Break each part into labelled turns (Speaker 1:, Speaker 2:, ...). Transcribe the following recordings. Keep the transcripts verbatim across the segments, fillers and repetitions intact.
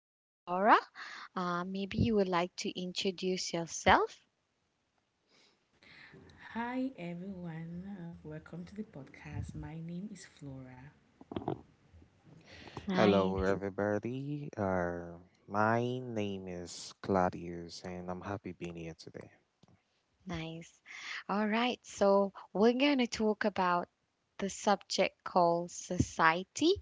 Speaker 1: and Flora. Uh, maybe you would like to introduce yourself.
Speaker 2: Hi everyone, uh, welcome to the podcast. My name is Flora.
Speaker 3: Hello,
Speaker 1: Nice.
Speaker 3: everybody. Uh, my name is Claudius, and I'm happy being here today.
Speaker 1: Nice. All right, so we're going to talk about the subject called society,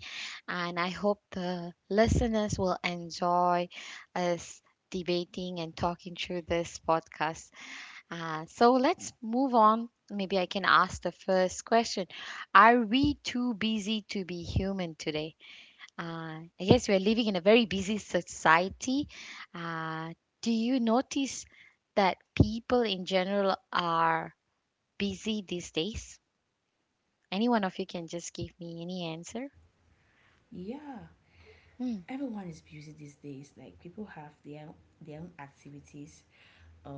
Speaker 1: and I hope the listeners will enjoy us debating and talking through this podcast. Uh, so let's move on. Maybe I can ask the first question. Are we too busy to be human today? Uh, I guess we're living in a very busy society. Uh, do you notice that people in general are busy these days? Any one of you can just give me any answer.
Speaker 2: Yeah,
Speaker 1: Mm,
Speaker 2: everyone is busy these days. Like people have their their own activities.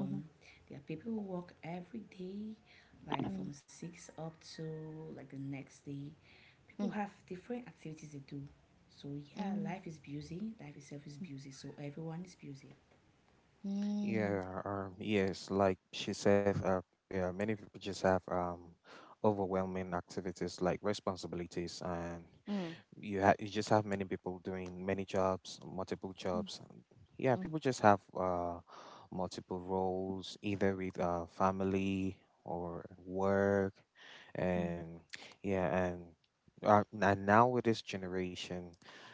Speaker 1: mhm,
Speaker 2: there are people who work every day, like
Speaker 1: mm,
Speaker 2: from six up to like the next day. People have different activities they do. So yeah,
Speaker 1: mm,
Speaker 2: life is busy. Life itself is busy. So everyone is busy.
Speaker 1: mm,
Speaker 3: Yeah, um, yes, like she said, uh, yeah, many people just have um, overwhelming activities like responsibilities, and
Speaker 1: mm,
Speaker 3: you ha- you just have many people doing many jobs, multiple
Speaker 1: mm,
Speaker 3: jobs. And yeah,
Speaker 1: mm,
Speaker 3: people just have uh, multiple roles, either with uh, family or work, and yeah, and uh, and now with this generation,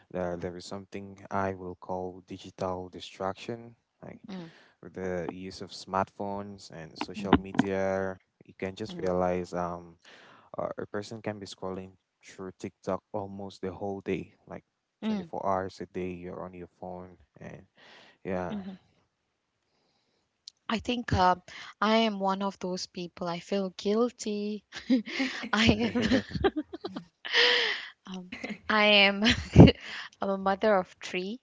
Speaker 3: uh, there is something I will call digital distraction, like
Speaker 1: mm,
Speaker 3: with the use of smartphones and
Speaker 1: mm, mm,
Speaker 3: social
Speaker 1: mhm,
Speaker 3: media. You can
Speaker 1: mm,
Speaker 3: just
Speaker 1: mm,
Speaker 3: realize um uh, a person can be scrolling through TikTok almost the whole day, like
Speaker 1: mm,
Speaker 3: twenty-four hours a day. You're on your phone, and yeah.
Speaker 1: mm. I think uh, I am one of those people. I feel guilty. I am.
Speaker 3: Oh,
Speaker 1: Um, I am. I'm a mother of three.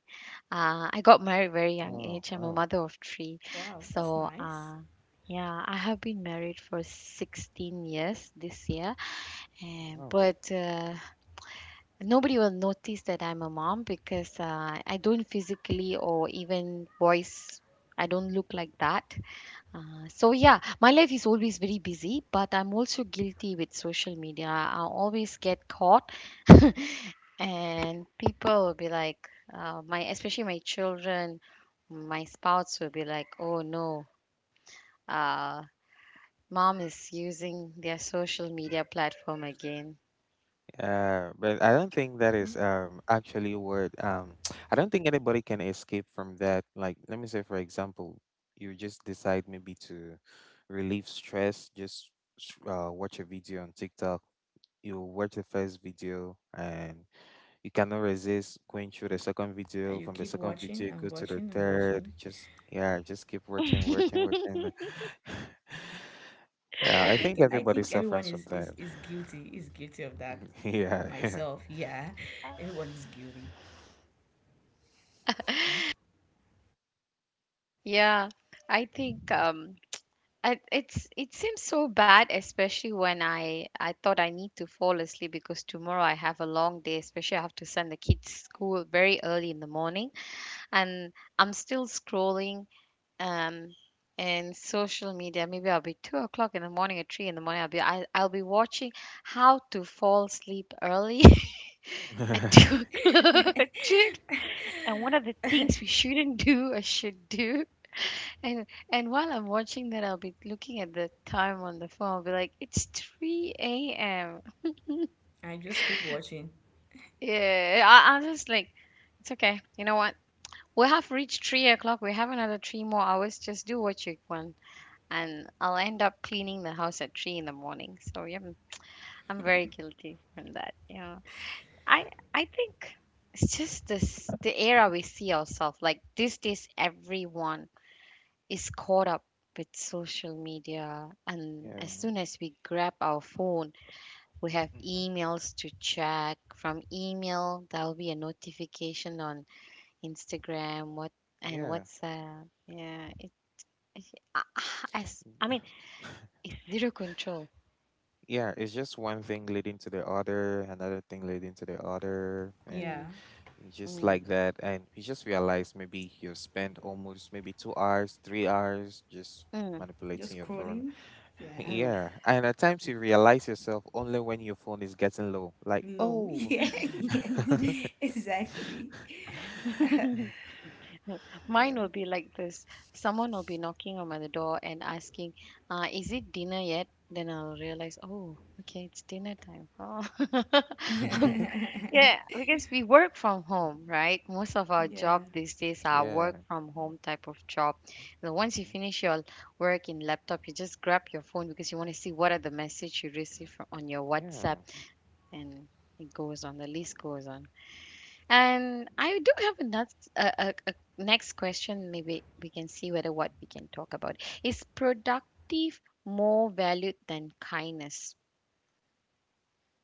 Speaker 1: Uh, I got married very young
Speaker 3: wow.
Speaker 1: age. I'm a
Speaker 3: Oh,
Speaker 1: mother of three.
Speaker 2: Wow, that's
Speaker 1: So
Speaker 2: nice.
Speaker 1: uh, yeah, I have been married for sixteen years this year. And,
Speaker 3: wow.
Speaker 1: but uh, nobody will notice that I'm a mom because uh, I don't physically or even voice. I don't look like that. Uh, so yeah, my life is always very busy, but I'm also guilty with social media. I always get caught, and people will be like, uh, my especially my children, my spouse will be like, oh no, uh, mom is using their social media platform again.
Speaker 3: Yeah, but I don't think that is um actually what um I don't think anybody can escape from that. Like, let me say, for example, you just
Speaker 1: Hmm?
Speaker 3: decide maybe to relieve stress, just s- uh, watch a video on TikTok. You watch the first video and you cannot resist going through the second
Speaker 2: And
Speaker 3: video.
Speaker 2: you
Speaker 3: From the
Speaker 2: keep
Speaker 3: second
Speaker 2: watching
Speaker 3: video,
Speaker 2: and
Speaker 3: go to the
Speaker 2: watching and
Speaker 3: third.
Speaker 2: watching.
Speaker 3: Just yeah, just keep watching, watching, watching. Yeah,
Speaker 2: I
Speaker 3: I
Speaker 2: think
Speaker 3: think
Speaker 2: I
Speaker 3: everybody
Speaker 2: think everyone
Speaker 3: suffers from
Speaker 2: is is
Speaker 3: that.
Speaker 2: is guilty is guilty of that.
Speaker 3: Yeah, yeah.
Speaker 2: Myself, yeah, everyone is guilty.
Speaker 3: Mhm.
Speaker 1: Yeah, I think um, I, it's it seems so bad, especially when I I thought I need to fall asleep because tomorrow I have a long day, especially I have to send the kids school very early in the morning, and I'm still scrolling um in social media. Maybe I'll be two o'clock in the morning or three in the morning. I'll be I, I'll be watching how to fall asleep early at two o'clock. Three- And one of the things we shouldn't do or should do. And and while I'm watching that, I'll be looking at the time on the phone. I'll be like, it's three a m.
Speaker 2: I just keep watching.
Speaker 1: Yeah, I, I'm just like, it's okay. You know what? We have reached three o'clock. We have another three more hours. Just do what you want. And I'll end up cleaning the house at three in the morning. So, yeah, I'm, I'm very guilty from that. You know, I, I think it's just this, the era we see ourselves. Like, this is everyone is caught up with social media, and
Speaker 3: Yeah,
Speaker 1: as soon as we grab our phone we have
Speaker 3: hmm.
Speaker 1: emails to check. From email there'll be a notification on Instagram, what, and
Speaker 3: Yeah.
Speaker 1: WhatsApp. Yeah, it, it- I, I s- I
Speaker 3: Yeah,
Speaker 1: mean it's zero control.
Speaker 3: yeah, it's just one thing leading to the other, another thing leading to the other, and
Speaker 2: Yeah,
Speaker 1: Mm,
Speaker 3: just
Speaker 1: mm,
Speaker 3: like that. And you just realize maybe you spend almost maybe two hours, three hours just manipulating
Speaker 2: just
Speaker 3: your phone.
Speaker 2: scrolling. Yeah,
Speaker 1: mm,
Speaker 3: Yeah, and at times you realize yourself only when your phone is getting low. Like,
Speaker 2: low.
Speaker 3: oh.
Speaker 2: Yeah, yes,
Speaker 1: mm.
Speaker 2: exactly.
Speaker 1: Mine
Speaker 2: Okay.
Speaker 1: will be like this. Someone will be knocking on my the door and asking, uh, is it dinner yet? Then I'll realize, oh, okay, it's dinner time. Oh. Um, yeah, because we work from home, right? Most of our
Speaker 2: Yeah,
Speaker 1: job these days are
Speaker 3: Yeah.
Speaker 1: work from home type of job. So once you
Speaker 3: Hmm.
Speaker 1: finish your work in laptop, you just grab your phone because you want to see what are the message you receive from, on your WhatsApp,
Speaker 3: Yeah.
Speaker 1: and it goes on, the list goes on. And I do have a next, a, a, a next question. Maybe we can see whether what we can talk about is productive more valued than kindness.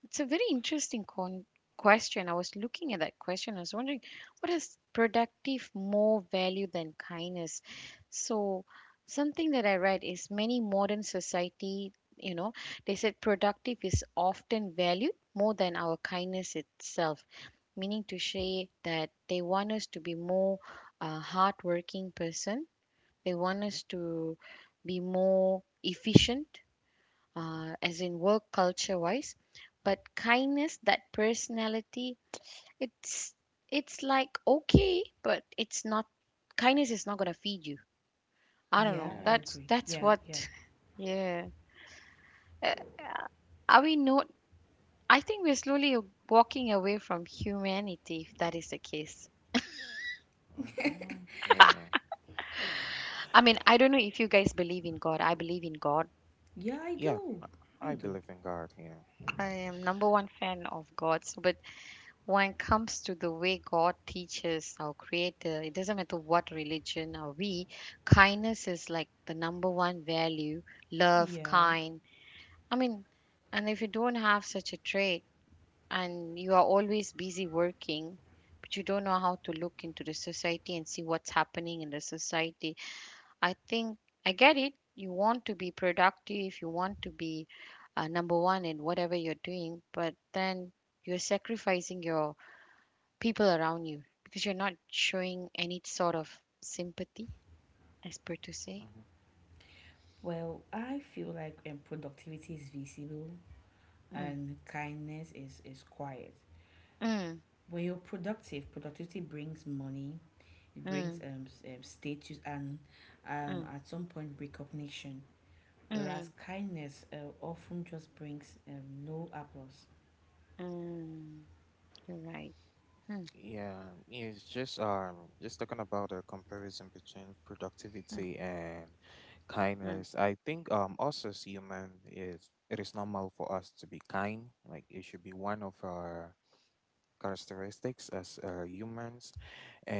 Speaker 1: It's a very interesting con- question. I was looking at that question. I was wondering what is productive more value than kindness. So something that I read is many modern society. You know, they said productive is often valued more than our kindness itself, meaning to say that they want us to be more uh, hardworking person, they
Speaker 3: Mhm. Mhm.
Speaker 1: want
Speaker 3: Yeah. Mm-hmm.
Speaker 1: us to be more efficient uh, as in work culture wise, but kindness, that personality, it's it's like okay, but it's not. Kindness is not going to feed you. I don't
Speaker 2: yeah,
Speaker 1: know,
Speaker 3: Yeah. Hmm.
Speaker 2: I
Speaker 1: that's
Speaker 2: agree.
Speaker 3: Yeah.
Speaker 1: that's
Speaker 2: Yeah,
Speaker 1: what.
Speaker 2: yeah,
Speaker 1: Yeah. Uh, are we not, I think we're slowly walking away from humanity if that is the case.
Speaker 3: Mm-hmm.
Speaker 1: I mean, I don't know if you guys believe in God. I believe in God.
Speaker 2: yeah. I
Speaker 3: Yeah.
Speaker 2: do.
Speaker 3: I I
Speaker 2: I do.
Speaker 3: believe in God. Yeah.
Speaker 1: I am number one fan of God. So, but when it comes to the way God teaches our Creator, it doesn't matter what religion are we. Kindness is like the number one value. Love,
Speaker 2: Yeah.
Speaker 1: kind. I mean, and if you don't have such a trait, and you are always busy working, but you don't know how to look into the society and see what's happening in the society, I think, I get it. You want to be productive, you want to be uh, number one in whatever you're doing, but then you're sacrificing your people around you because you're not showing any sort of sympathy, as per to say.
Speaker 3: Mhm.
Speaker 2: Well, I feel like um, productivity is visible
Speaker 1: Mm,
Speaker 2: and kindness is is quiet.
Speaker 1: mm,
Speaker 2: When you're productive, productivity brings money, it brings
Speaker 1: mm,
Speaker 2: um, um status and um
Speaker 1: mm,
Speaker 2: at some point recognition. Whereas
Speaker 1: mm,
Speaker 2: kindness uh, often just brings um no applause.
Speaker 1: mm. You're right. Mm,
Speaker 3: Yeah, it's just um just talking about the comparison between
Speaker 1: mm,
Speaker 3: productivity and
Speaker 1: mm,
Speaker 3: kindness. I think um us as human, is it is normal for us to be kind. Like, it should be one of our characteristics as uh, humans.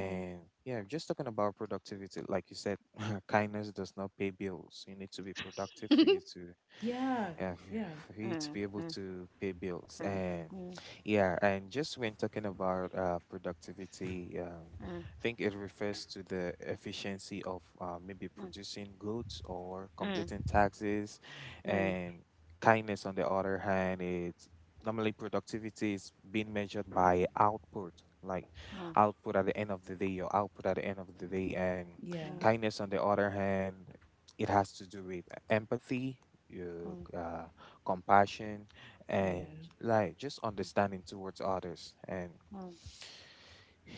Speaker 1: mm.
Speaker 3: yeah, just talking about productivity, like you said, kindness does not pay bills. You need to be productive for you to,
Speaker 2: Yeah,
Speaker 3: yeah,
Speaker 2: yeah,
Speaker 3: for you to be
Speaker 1: Mm,
Speaker 3: able
Speaker 1: mm,
Speaker 3: to pay bills.
Speaker 1: mm,
Speaker 3: And
Speaker 1: mm,
Speaker 3: yeah, and just when talking about uh, productivity, um,
Speaker 1: mm,
Speaker 3: I think it refers to the efficiency of uh, maybe
Speaker 1: mm, mm,
Speaker 3: producing goods or completing
Speaker 1: mm,
Speaker 3: taxes.
Speaker 1: mm,
Speaker 3: And kindness, on the other hand, is normally productivity is being measured by output. Like output at the end of the day, your output at the end of the day. And
Speaker 2: yeah,
Speaker 1: mm,
Speaker 3: kindness, on the other hand, it has to do with empathy, your
Speaker 1: mm,
Speaker 3: uh, compassion, and
Speaker 2: yeah.
Speaker 3: like just understanding towards others. And
Speaker 1: mm.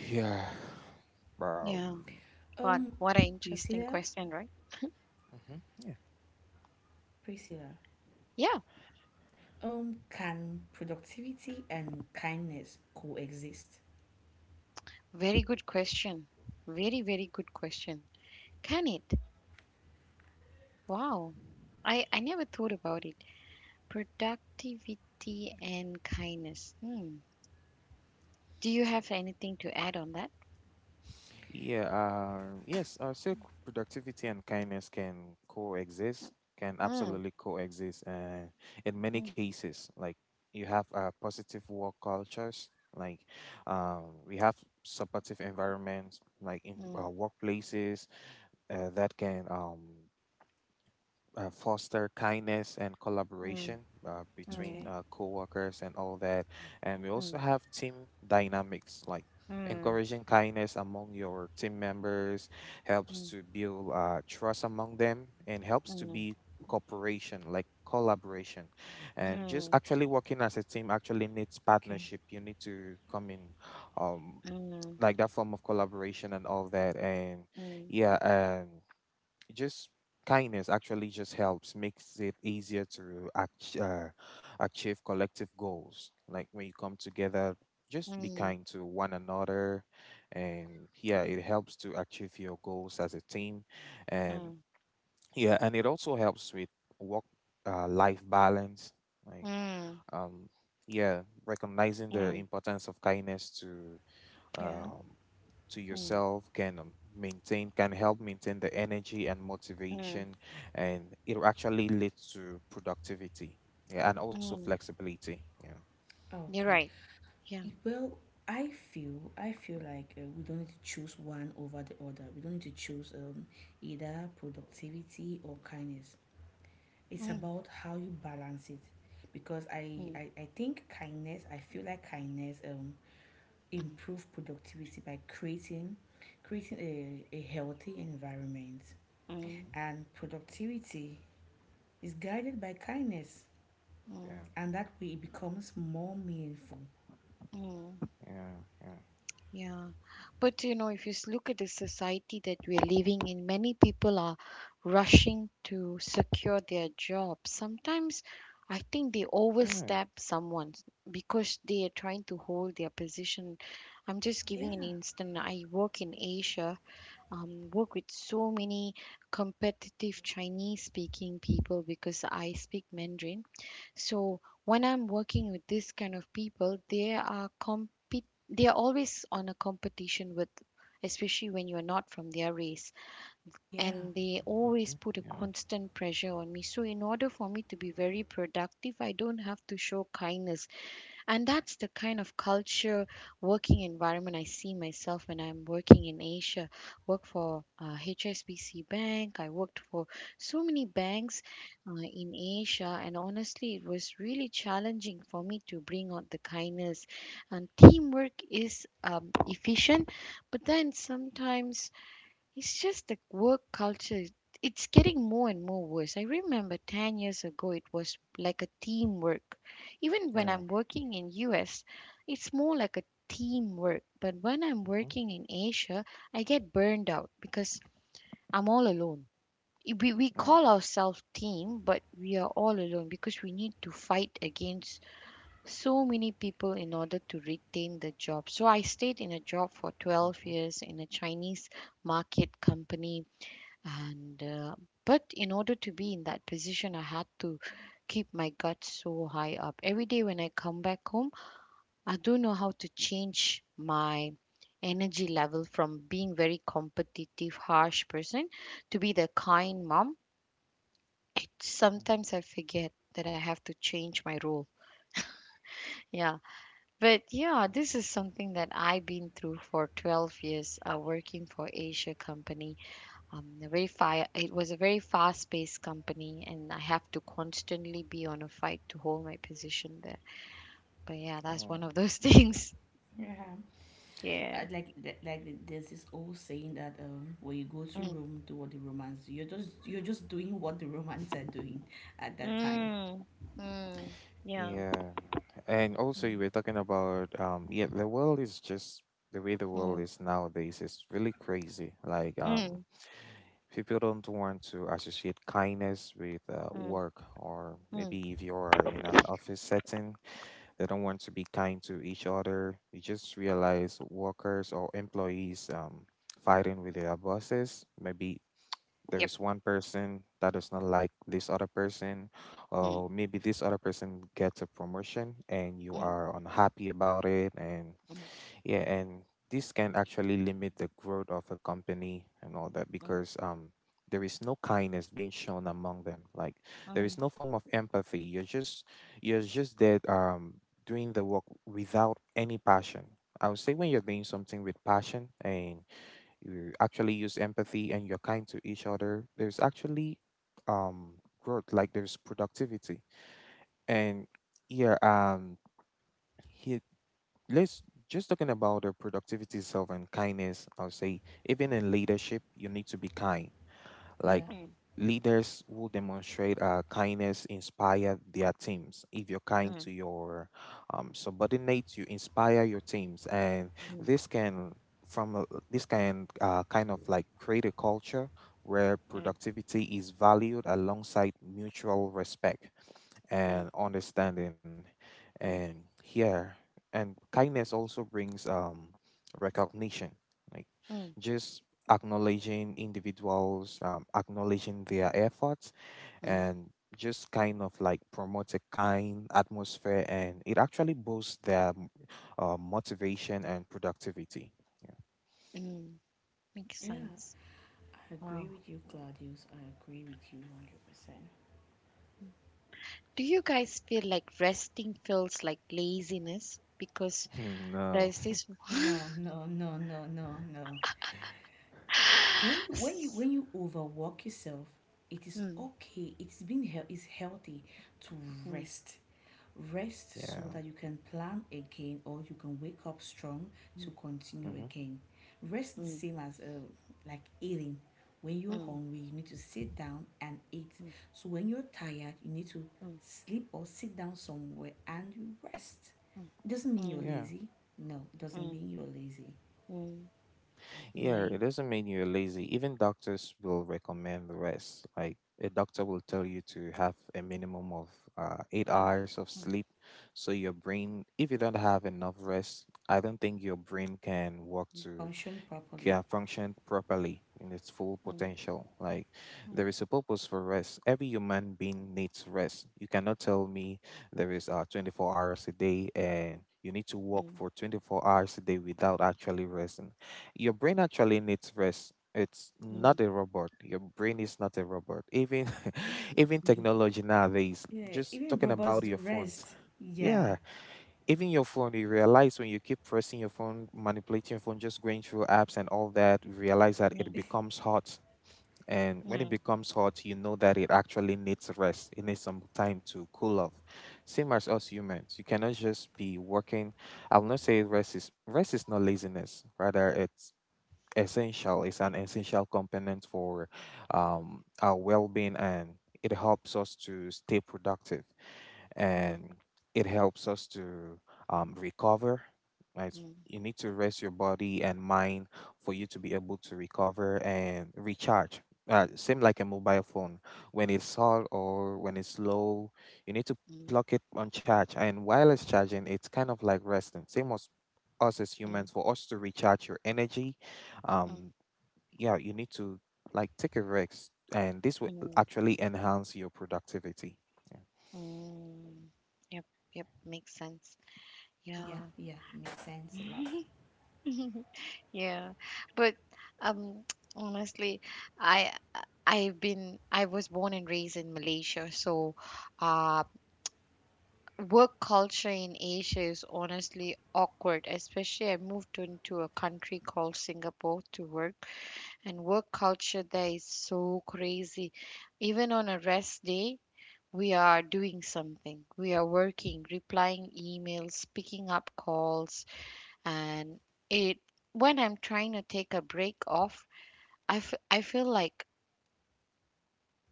Speaker 3: yeah,
Speaker 1: Yeah.
Speaker 3: um,
Speaker 1: But
Speaker 2: Um,
Speaker 1: what an interesting
Speaker 2: Priscilla,
Speaker 1: question, right?
Speaker 3: mhm, yeah.
Speaker 2: Priscilla.
Speaker 1: Yeah,
Speaker 2: Um, can productivity and kindness coexist?
Speaker 1: very good question. Very, very good question. Can it? Wow. I, I never thought about it. Productivity and kindness. Hmm. Do you have anything to add on that?
Speaker 3: Yeah, uh, yes, uh, so c- productivity and kindness can coexist, can
Speaker 1: Mm,
Speaker 3: absolutely coexist. Uh, in many
Speaker 1: mm,
Speaker 3: cases, like you have uh, positive work cultures, like um, we have supportive environments, like in
Speaker 1: mm,
Speaker 3: uh, workplaces uh, that can um, uh, foster kindness and
Speaker 1: mm,
Speaker 3: collaboration uh, between
Speaker 2: Okay,
Speaker 1: mm,
Speaker 3: uh, co-workers and all that. And we
Speaker 1: mm,
Speaker 3: also have team dynamics, like
Speaker 1: mm, mm,
Speaker 3: encouraging kindness among your team members helps to build uh, trust among them and
Speaker 1: mm, mm,
Speaker 3: helps to
Speaker 1: mm, mm,
Speaker 3: be cooperation, like collaboration. And just actually working as a team actually needs
Speaker 2: okay,
Speaker 3: partnership. You need to come in um like that form of collaboration and all that. And yeah, um, just kindness actually just helps, makes it easier to ach- uh, achieve collective goals. Like when you come together,
Speaker 1: mm,
Speaker 3: just be
Speaker 1: mm,
Speaker 3: kind to one another, and yeah, it helps to achieve your goals as a team. And yeah, and it also helps with work uh, life balance.
Speaker 1: mm,
Speaker 3: like
Speaker 1: mm,
Speaker 3: um yeah, recognizing the importance of kindness to
Speaker 2: yeah,
Speaker 3: um, to
Speaker 1: mm, mm,
Speaker 3: yourself can um, maintain can help maintain the energy and
Speaker 1: mm,
Speaker 3: motivation, and it will actually lead to productivity. Yeah, and also
Speaker 1: mm.
Speaker 3: flexibility. Yeah.
Speaker 1: You're
Speaker 2: okay.
Speaker 1: right. Yeah.
Speaker 2: Well, I feel I feel like uh, we don't need to choose one over the other. We don't need to choose um, either productivity or kindness. It's
Speaker 1: Mm,
Speaker 2: about how you balance it, because I
Speaker 1: mm,
Speaker 2: I, I think kindness. I feel like kindness um
Speaker 1: mm.
Speaker 2: improve productivity by creating creating a, a healthy environment,
Speaker 1: Mm,
Speaker 3: Mm-hmm.
Speaker 2: and productivity is guided by kindness,
Speaker 1: mm,
Speaker 3: Yeah.
Speaker 2: and that way it becomes more meaningful.
Speaker 1: mm,
Speaker 3: Yeah.
Speaker 1: yeah. But you know, if you s- look at the society that we're living in, many people are rushing to secure their job. Sometimes I think they
Speaker 3: Yeah. Yeah.
Speaker 1: overstep someone because they are trying to hold their position. I'm just giving an
Speaker 2: Yeah,
Speaker 1: instant. I work in Asia, um, work with so many competitive Chinese speaking people because I speak Mandarin. So when I'm working with this kind of people, they are compete they are always on a competition with, especially when you're not from their race,
Speaker 2: yeah,
Speaker 1: and they always
Speaker 3: Mm-hmm.
Speaker 1: put a
Speaker 3: Yeah.
Speaker 1: constant pressure on me, so in order for me to be very productive I don't have to show kindness. And that's the kind of culture, working environment I see myself when I'm working in Asia. Work for uh, H S B C Bank. I worked for so many banks uh, in Asia, and honestly, it was really challenging for me to bring out the kindness. And teamwork is um, efficient, but then sometimes it's just the work culture. It's getting more and more worse. I remember ten years ago it was like a teamwork. Even when
Speaker 3: Yeah.
Speaker 1: I'm working in U S, it's more like a teamwork. But when I'm
Speaker 3: Mm-hmm.
Speaker 1: working in Asia, I get burned out because I'm all alone. We, we call
Speaker 3: Yeah.
Speaker 1: ourselves team, but we are all alone because we need to fight against so many people in order to retain the job. So I stayed in a job for twelve
Speaker 3: Mm-hmm.
Speaker 1: years in a Chinese market company, and uh, but in order to be in that position I had to keep my guts so high up. Every day when I come back home I don't know how to change my energy level from being very competitive harsh person to be the kind mom. It
Speaker 3: Mm-hmm.
Speaker 1: sometimes I forget that I have to change my role. Yeah, but yeah,
Speaker 3: Yeah.
Speaker 1: this is something that I've been through for twelve years, uh, working for Asia company, um, a very fi- it was a very fast-paced company, and I have to constantly be on a fight to hold my position there. But yeah, that's one
Speaker 3: Oh.
Speaker 1: of those things.
Speaker 2: yeah. I like like like there's this old saying that um when you go to
Speaker 1: Mm.
Speaker 2: Rome, do what the Romans do. You're just you're just doing what the Romans are doing at that time.
Speaker 1: Mm. Mm. Yeah.
Speaker 3: Yeah, and also you
Speaker 1: Mm,
Speaker 3: were talking about um yeah, the world is just the way the world
Speaker 1: mm,
Speaker 3: is nowadays is really crazy. Like um
Speaker 1: mm,
Speaker 3: people don't want to associate kindness with uh,
Speaker 1: mm,
Speaker 3: work, or
Speaker 1: mm.
Speaker 3: maybe if you are in an office setting, they don't want to be kind to each other. You just realize workers or employees um fighting with their bosses. Maybe there
Speaker 1: Yep.
Speaker 3: is one person that does not like this other person,
Speaker 1: Mm,
Speaker 3: or maybe this other person gets a promotion and you
Speaker 1: mm,
Speaker 3: are unhappy about it, and
Speaker 1: mm,
Speaker 3: yeah, and this can actually limit the growth of a company and all that
Speaker 1: mm,
Speaker 3: because um there is no kindness being shown among them. Like there is
Speaker 1: mm,
Speaker 3: no form of empathy. You're just you're just there um doing the work without any passion. I would say when you're doing something with passion and you actually use empathy and you're kind to each other, there's actually um growth, like there's productivity. And yeah, um here let's just talking about the productivity itself and kindness, I'll say even in leadership you need to be kind.
Speaker 2: Yeah.
Speaker 3: Like,
Speaker 1: mm,
Speaker 3: leaders who demonstrate uh, kindness inspire their teams. If you're kind
Speaker 1: mm,
Speaker 3: to your um, subordinates, you inspire your teams, and
Speaker 1: mm,
Speaker 3: this can from a- this can uh, kind of like create a culture where
Speaker 1: mm, mm,
Speaker 3: productivity is valued alongside mutual respect
Speaker 1: mm,
Speaker 3: and understanding. And here and kindness also brings um recognition, like
Speaker 1: mm,
Speaker 3: just acknowledging individuals, um, acknowledging their efforts,
Speaker 1: mm,
Speaker 3: and just kind of like promote a kind atmosphere, and it actually boosts their uh, motivation and productivity. Yeah.
Speaker 1: mm. Makes
Speaker 2: Yeah,
Speaker 1: sense.
Speaker 2: I agree
Speaker 1: Wow.
Speaker 2: with you, Gladius. I agree with you
Speaker 1: Do you guys feel like resting feels like laziness? Because
Speaker 3: No.
Speaker 1: there's this.
Speaker 2: one hundred percent. No, no, no, no, no, no. When you when you when you overwork yourself, it is
Speaker 1: Mm,
Speaker 2: okay. It's been hel- it's healthy to
Speaker 1: mm.
Speaker 2: rest. Rest so
Speaker 3: Yeah.
Speaker 2: that you can plan again or you can wake up strong to
Speaker 1: Mm,
Speaker 2: continue
Speaker 3: Hmm.
Speaker 2: again. Rest the
Speaker 1: mm,
Speaker 2: same as uh, like eating. When you're
Speaker 1: mm,
Speaker 2: hungry, you need to sit down and eat.
Speaker 1: mm,
Speaker 2: So when you're tired, you need to
Speaker 1: mm,
Speaker 2: sleep or sit down somewhere and you rest. It doesn't mean
Speaker 1: mm,
Speaker 2: you're
Speaker 1: mm,
Speaker 3: Yeah.
Speaker 2: lazy. No, it doesn't
Speaker 1: mm,
Speaker 2: mean you're lazy.
Speaker 1: mm.
Speaker 3: Yeah, it
Speaker 1: Nice.
Speaker 3: doesn't mean you're lazy. Even doctors will recommend rest.
Speaker 1: Mm,
Speaker 3: Like a
Speaker 1: mm,
Speaker 3: doctor will tell you to have a minimum of uh, eight hours of sleep. So your brain, if you don't have enough rest, I don't think your brain can work to
Speaker 2: Function properly.
Speaker 3: can function properly in its full
Speaker 1: mm,
Speaker 3: potential. Like,
Speaker 1: mm,
Speaker 3: there is a purpose for rest. Every human being needs rest. You cannot tell me there is uh, twenty-four hours a day and you need to work
Speaker 1: mm,
Speaker 3: for twenty-four hours a day without actually resting. Your brain actually needs rest. It's not
Speaker 1: mm,
Speaker 3: a robot. Your brain is not a robot. Even even
Speaker 1: mm,
Speaker 3: technology nowadays,
Speaker 2: Yeah,
Speaker 3: just
Speaker 2: even
Speaker 3: talking
Speaker 2: robots
Speaker 3: about
Speaker 2: do
Speaker 3: your phones.
Speaker 2: rest. Yeah.
Speaker 3: Yeah. Even your phone, you realize when you keep pressing your phone, manipulating your phone, just going through apps and all that, you realize that
Speaker 1: mm.
Speaker 3: it
Speaker 1: Mm,
Speaker 3: becomes hot. And when it
Speaker 1: mm,
Speaker 3: becomes hot, you know that it actually needs rest. It needs some time to cool off. Same as us humans. You cannot just be working. I will not say rest is Rest is not laziness. Rather, it's essential. It's an essential component for um, our well being, and it helps us to stay productive,
Speaker 1: mm, mm,
Speaker 3: and it helps us to um, recover. Right?
Speaker 1: mm, mm,
Speaker 3: You need to rest your body and mind for you to be able to recover and recharge. Uh, same like a mobile phone. When it's hot or when it's low, you need to plug it on charge. And while it's charging, it's kind of like resting. Same as us as
Speaker 1: mm, mm,
Speaker 3: humans, for us to recharge your energy, um, yeah, you need to like take a rest, and this will
Speaker 1: mm,
Speaker 3: actually enhance your productivity. Yeah.
Speaker 1: mm. Yep, yep, makes sense.
Speaker 2: Yeah,
Speaker 1: Yeah.
Speaker 2: yeah, makes sense a lot.
Speaker 1: Yeah. But um honestly, I I- I've been I was born and raised in Malaysia, so uh work culture in Asia is honestly awkward, especially I moved into a country called Singapore to work, and work culture there is so crazy. Even on a rest day, we are doing something. We are working, replying emails, picking up calls, and it when I'm trying to take a break off, I, f- I feel like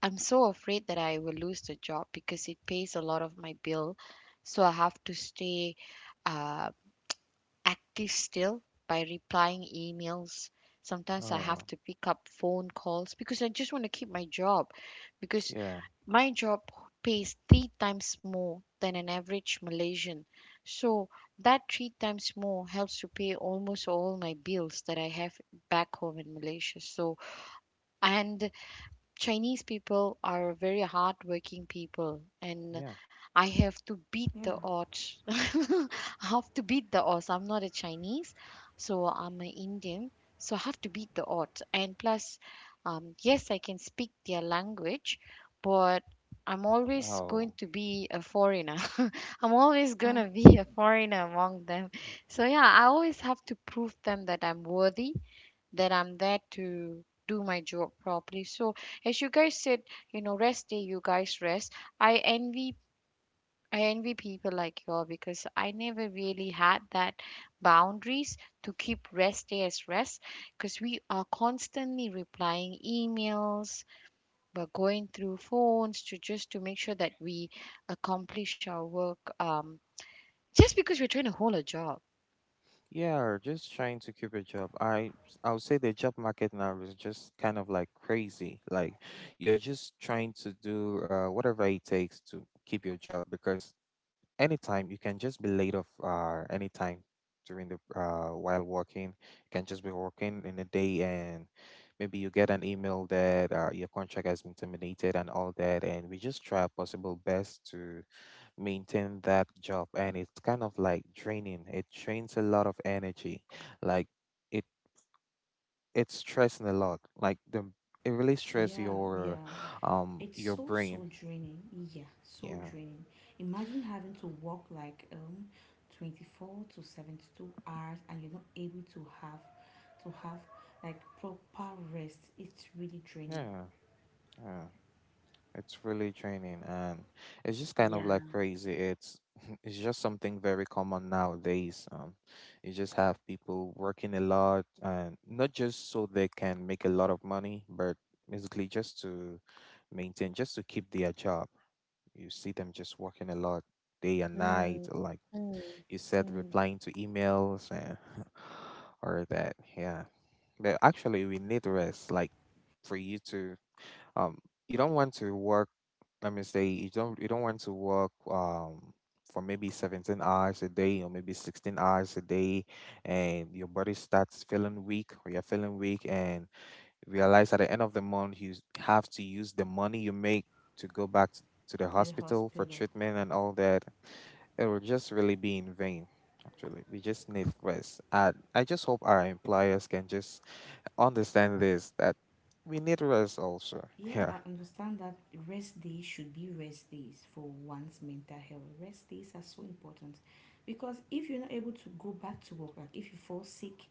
Speaker 1: I'm so afraid that I will lose the job because it pays a lot of my bill. So I have to stay uh. active still by replying emails. Sometimes I
Speaker 3: Oh,
Speaker 1: have to pick up phone calls because I just want to keep my job because
Speaker 3: yeah,
Speaker 1: my job pays three times more than an average Malaysian. So that three times more helps to pay almost all my bills that I have back home in Malaysia. So, and Chinese people are very hardworking people, and
Speaker 3: yeah.
Speaker 1: I have to beat
Speaker 2: Yeah.
Speaker 1: the odds. I have to beat the odds. I'm not a Chinese, so I'm an Indian, so I have to beat the odds. And plus, um, yes, I can speak their language, but I'm always
Speaker 3: Oh.
Speaker 1: going to be a foreigner. I'm always going
Speaker 2: Uh,
Speaker 1: to be a foreigner among them. So, yeah, I always have to prove them that I'm worthy, that I'm there to do my job properly. So as you guys said, you know, rest day, you guys rest. I envy I envy people like you all because I never really had that boundaries to keep rest day as rest because we are constantly replying emails, we're going through phones to just to make sure that we accomplish our work um, just because we're trying to hold a job.
Speaker 3: Yeah, or just trying to keep a job. I I would say the job market now is just kind of like crazy. Like, you're just trying to do uh, whatever it takes to keep your job because anytime you can just be laid off uh anytime during the uh while working. You can just be working in the day and maybe you get an email that uh, your contract has been terminated and all that, and we just try our possible best to maintain that job, and it's kind of like draining. It drains a lot of energy. like it it's stressing a lot. Like the it really stress
Speaker 2: yeah,
Speaker 3: your
Speaker 2: yeah.
Speaker 3: um
Speaker 2: It's
Speaker 3: your
Speaker 2: so
Speaker 3: brain.
Speaker 2: so draining. Yeah, so
Speaker 3: Yeah.
Speaker 2: draining. Imagine having to work like um twenty-four to seventy-two hours, and you're not able to have to have like proper rest. It's really draining.
Speaker 3: Yeah. Yeah, it's really draining, and it's just kind of like
Speaker 1: Yeah.
Speaker 3: crazy. It's it's just something very common nowadays. Um you just have people working a lot, and not just so they can make a lot of money, but basically just to maintain just to keep their job. You see them just working a lot day and night,
Speaker 1: Mm,
Speaker 3: like
Speaker 1: mm,
Speaker 3: you said,
Speaker 1: mm,
Speaker 3: replying to emails and or that. Yeah. But actually, we need rest. Like, for you to, um, you don't want to work, let me say, you don't, you don't want to work, um, for maybe seventeen hours a day or maybe sixteen hours a day and your body starts feeling weak or you're feeling weak, and realize at the end of the month you s- have to use the money you make to go back t- to the
Speaker 2: The
Speaker 3: hospital for
Speaker 2: hospital.
Speaker 3: treatment and all that. It will just really be in vain. Actually, we just need rest. And I just hope our employers can just understand this, that we need rest also.
Speaker 2: Yeah,
Speaker 3: Yeah.
Speaker 2: I understand that rest days should be rest days for one's mental health. Rest days are so important, because if you're not able to go back to work, like if you fall sick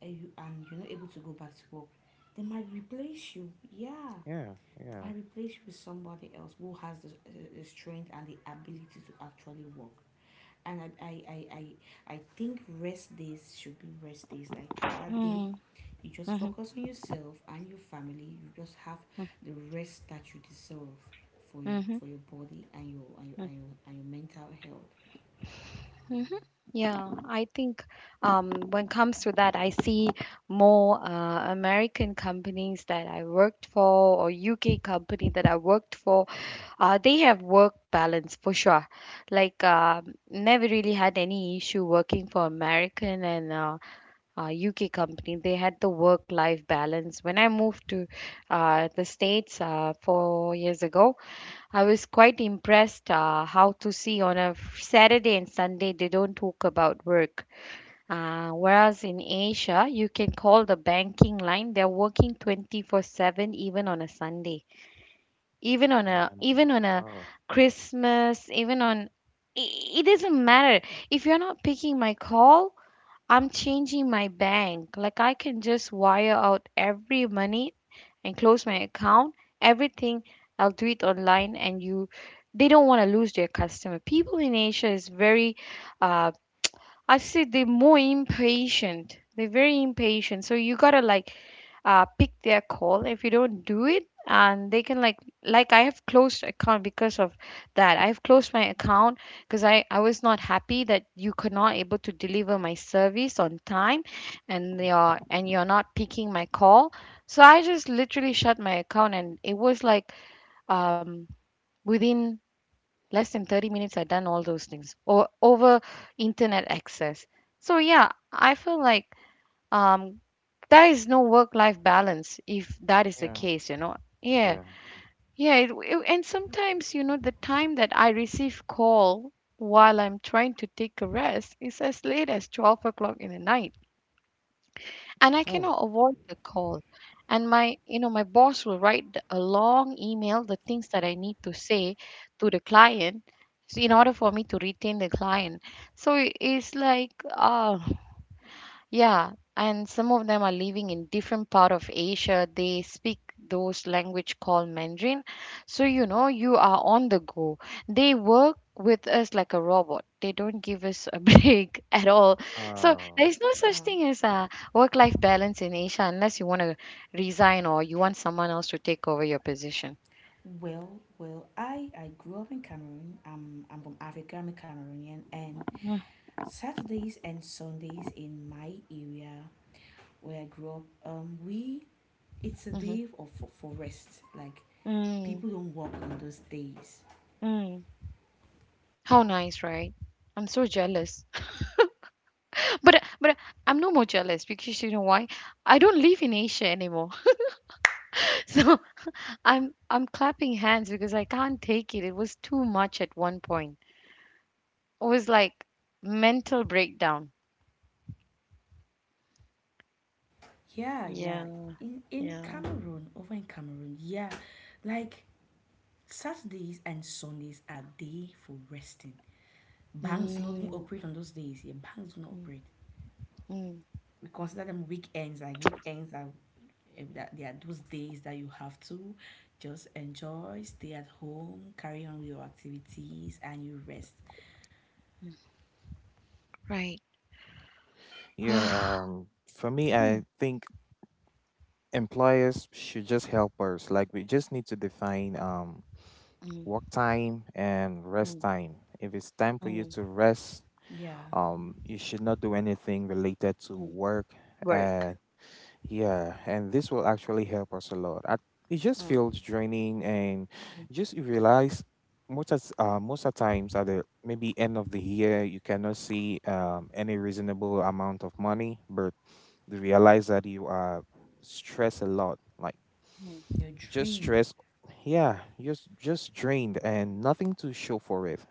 Speaker 2: and, you, and you're not able to go back to work, they might replace you. Yeah,
Speaker 3: Yeah. Yeah.
Speaker 2: I replace you with somebody else who has the, the strength and the ability to actually work. And I, I, I, I, I think rest days should be rest days. Like that day,
Speaker 1: mm,
Speaker 2: you just
Speaker 1: mhm,
Speaker 2: focus on yourself and your family. You just have the rest that you deserve for your for your body and your and your,
Speaker 1: mhm,
Speaker 2: and your, and your, mental health.
Speaker 1: hmm. Yeah, I think, um, when it comes to that, I see more uh, American companies that I worked for or U K company that I worked for. Uh, they have work balance for sure. Like um never really had any issue working for American and uh, uh, U K company. They had the work life balance. When I moved to uh, the States uh, four years ago, I was quite impressed, uh, how to see on a f- Saturday and Sunday they don't talk about work. Uh, whereas in Asia, you can call the banking line, they're working twenty-four seven even on a Sunday, even on a
Speaker 3: Mm.
Speaker 1: even on a
Speaker 3: Oh,
Speaker 1: Christmas, even on i- it doesn't matter. If you're not picking my call, I'm changing my bank. Like I can just wire out every money and close my account. Everything I'll do it online, and you they don't want to lose their customer. People in Asia is very uh I see they're more impatient. They're very impatient. So you gotta like uh pick their call. If you don't do it, and they can like like I have closed account because of that. I have closed my account because I I was not happy that you could not able to deliver my service on time, and you're and you're not picking my call. So I just literally shut my account, and it was like um within less than thirty minutes I done all those things or over internet access. So yeah, I feel like, um there is no work life balance if that is the
Speaker 3: yeah.
Speaker 1: case, you know. Yeah,
Speaker 3: Yeah.
Speaker 1: yeah, it, it- and sometimes you know the time that I receive call while I'm trying to take a rest is as late as twelve o'clock in the night, and I
Speaker 3: Oh,
Speaker 1: cannot avoid the call. And my, you know, my boss will write the- a long email, the things that I need to say to the client s- in order for me to retain the client. So it is like, ah, yeah, and some of them are living in different part of Asia. They speak those language called Mandarin. So you know, you are on the go. They work with us like a robot. They don't give us a break at all. So
Speaker 3: uh,
Speaker 1: there is no such
Speaker 2: Yeah.
Speaker 1: thing as a work-life balance in Asia unless you want to resign or you want someone else to take over your position.
Speaker 2: Well, well, I I grew up in Cameroon. I'm I'm from Africa. I'm a Cameroonian, and Saturdays and Sundays in my area where I grew up, um, we it's a
Speaker 1: Mm-hmm.
Speaker 2: day of for, for rest. Like
Speaker 1: Mm,
Speaker 2: people don't work on those days.
Speaker 1: mm. How nice, right? I'm so jealous. But but I'm no more jealous because you know why? I don't live in Asia anymore. So I'm I'm clapping hands because I can't take it. It was too much at one point. It was like mental breakdown.
Speaker 2: Yeah, yeah.
Speaker 1: Yeah,
Speaker 2: In in
Speaker 1: yeah.
Speaker 2: Cameroon, over in Cameroon, yeah, like Saturdays and Sundays are day for resting. Banks do not even
Speaker 1: Mm,
Speaker 2: operate on those days. Yeah, banks do not
Speaker 1: mm,
Speaker 2: operate.
Speaker 1: mm,
Speaker 2: We consider them weekends. Like weekends are eh, that they are those days that you have to just enjoy, stay at home, carry on with your activities, and you rest.
Speaker 1: mm. Right.
Speaker 3: yeah. Um, for me, I
Speaker 1: Mm,
Speaker 3: think employers should just help us. Like, we just need to define um
Speaker 1: mm,
Speaker 3: work time and
Speaker 1: mm,
Speaker 3: rest time. If it's time for you
Speaker 1: mm,
Speaker 3: to rest,
Speaker 2: Yeah,
Speaker 3: um, you should not do anything related to
Speaker 1: mm,
Speaker 3: work.
Speaker 1: Work.
Speaker 3: And yeah, and this will actually help us a lot. I, it just feels
Speaker 1: Mm,
Speaker 3: draining, and
Speaker 1: mm,
Speaker 3: just you realize most of, uh, most of times at the maybe end of the year you cannot see um, any reasonable amount of money, but they realize that you are stressed a lot, like
Speaker 1: mm,
Speaker 2: you're
Speaker 3: just
Speaker 2: drained.
Speaker 3: stress. Yeah, just just drained and nothing to show for it.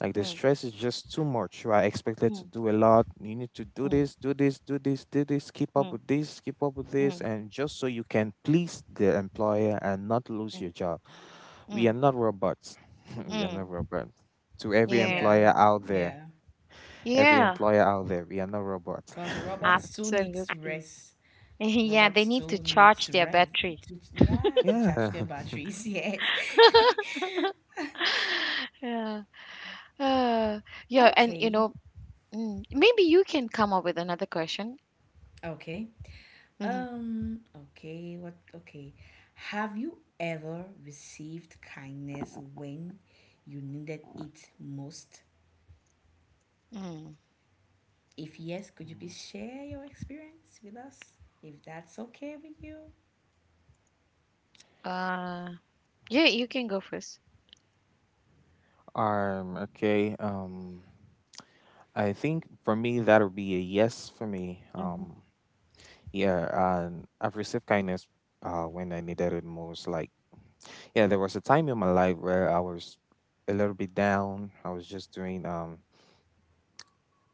Speaker 3: Like
Speaker 1: mm,
Speaker 3: the
Speaker 1: mm,
Speaker 3: stress is just too much. You are expected to
Speaker 1: mm,
Speaker 3: do a lot. You need to do this, do this, do this, do this. Keep up
Speaker 1: mm,
Speaker 3: with this, keep up with
Speaker 1: mm,
Speaker 3: this,
Speaker 1: mm,
Speaker 3: and just so you can please the employer and not lose your job. We are
Speaker 1: mm,
Speaker 3: not robots. We are not
Speaker 1: mm.
Speaker 3: robots. To every
Speaker 1: Yeah,
Speaker 2: Yeah,
Speaker 3: employer out there,
Speaker 2: yeah.
Speaker 3: every
Speaker 1: yeah,
Speaker 3: employer out there, we are not robots.
Speaker 2: Because robots too needs to
Speaker 1: absolutely.
Speaker 2: rest.
Speaker 1: Yeah, they
Speaker 2: Robots
Speaker 1: need to
Speaker 2: too needs
Speaker 1: charge
Speaker 2: to
Speaker 1: their
Speaker 2: rest.
Speaker 1: battery.
Speaker 2: To, yeah, to charge
Speaker 3: Yeah.
Speaker 2: their batteries. Yes.
Speaker 1: Yeah. Uh, yeah, and you
Speaker 2: Okay.
Speaker 1: know, mm, maybe you can come up with another question.
Speaker 2: Okay.
Speaker 1: Mm-hmm.
Speaker 2: Um, okay. What? Okay. Have you ever received kindness when you needed it most?
Speaker 1: Mm.
Speaker 2: If yes, could you please share your experience with us? If that's okay with you.
Speaker 1: Uh, yeah, you can go first.
Speaker 3: Um, okay. Um, I think for me that'll be a yes for me.
Speaker 1: Mm-hmm.
Speaker 3: Um, yeah, and I've received kindness uh when I needed it most. Like, yeah, there was a time in my life where I was a little bit down. I was just doing um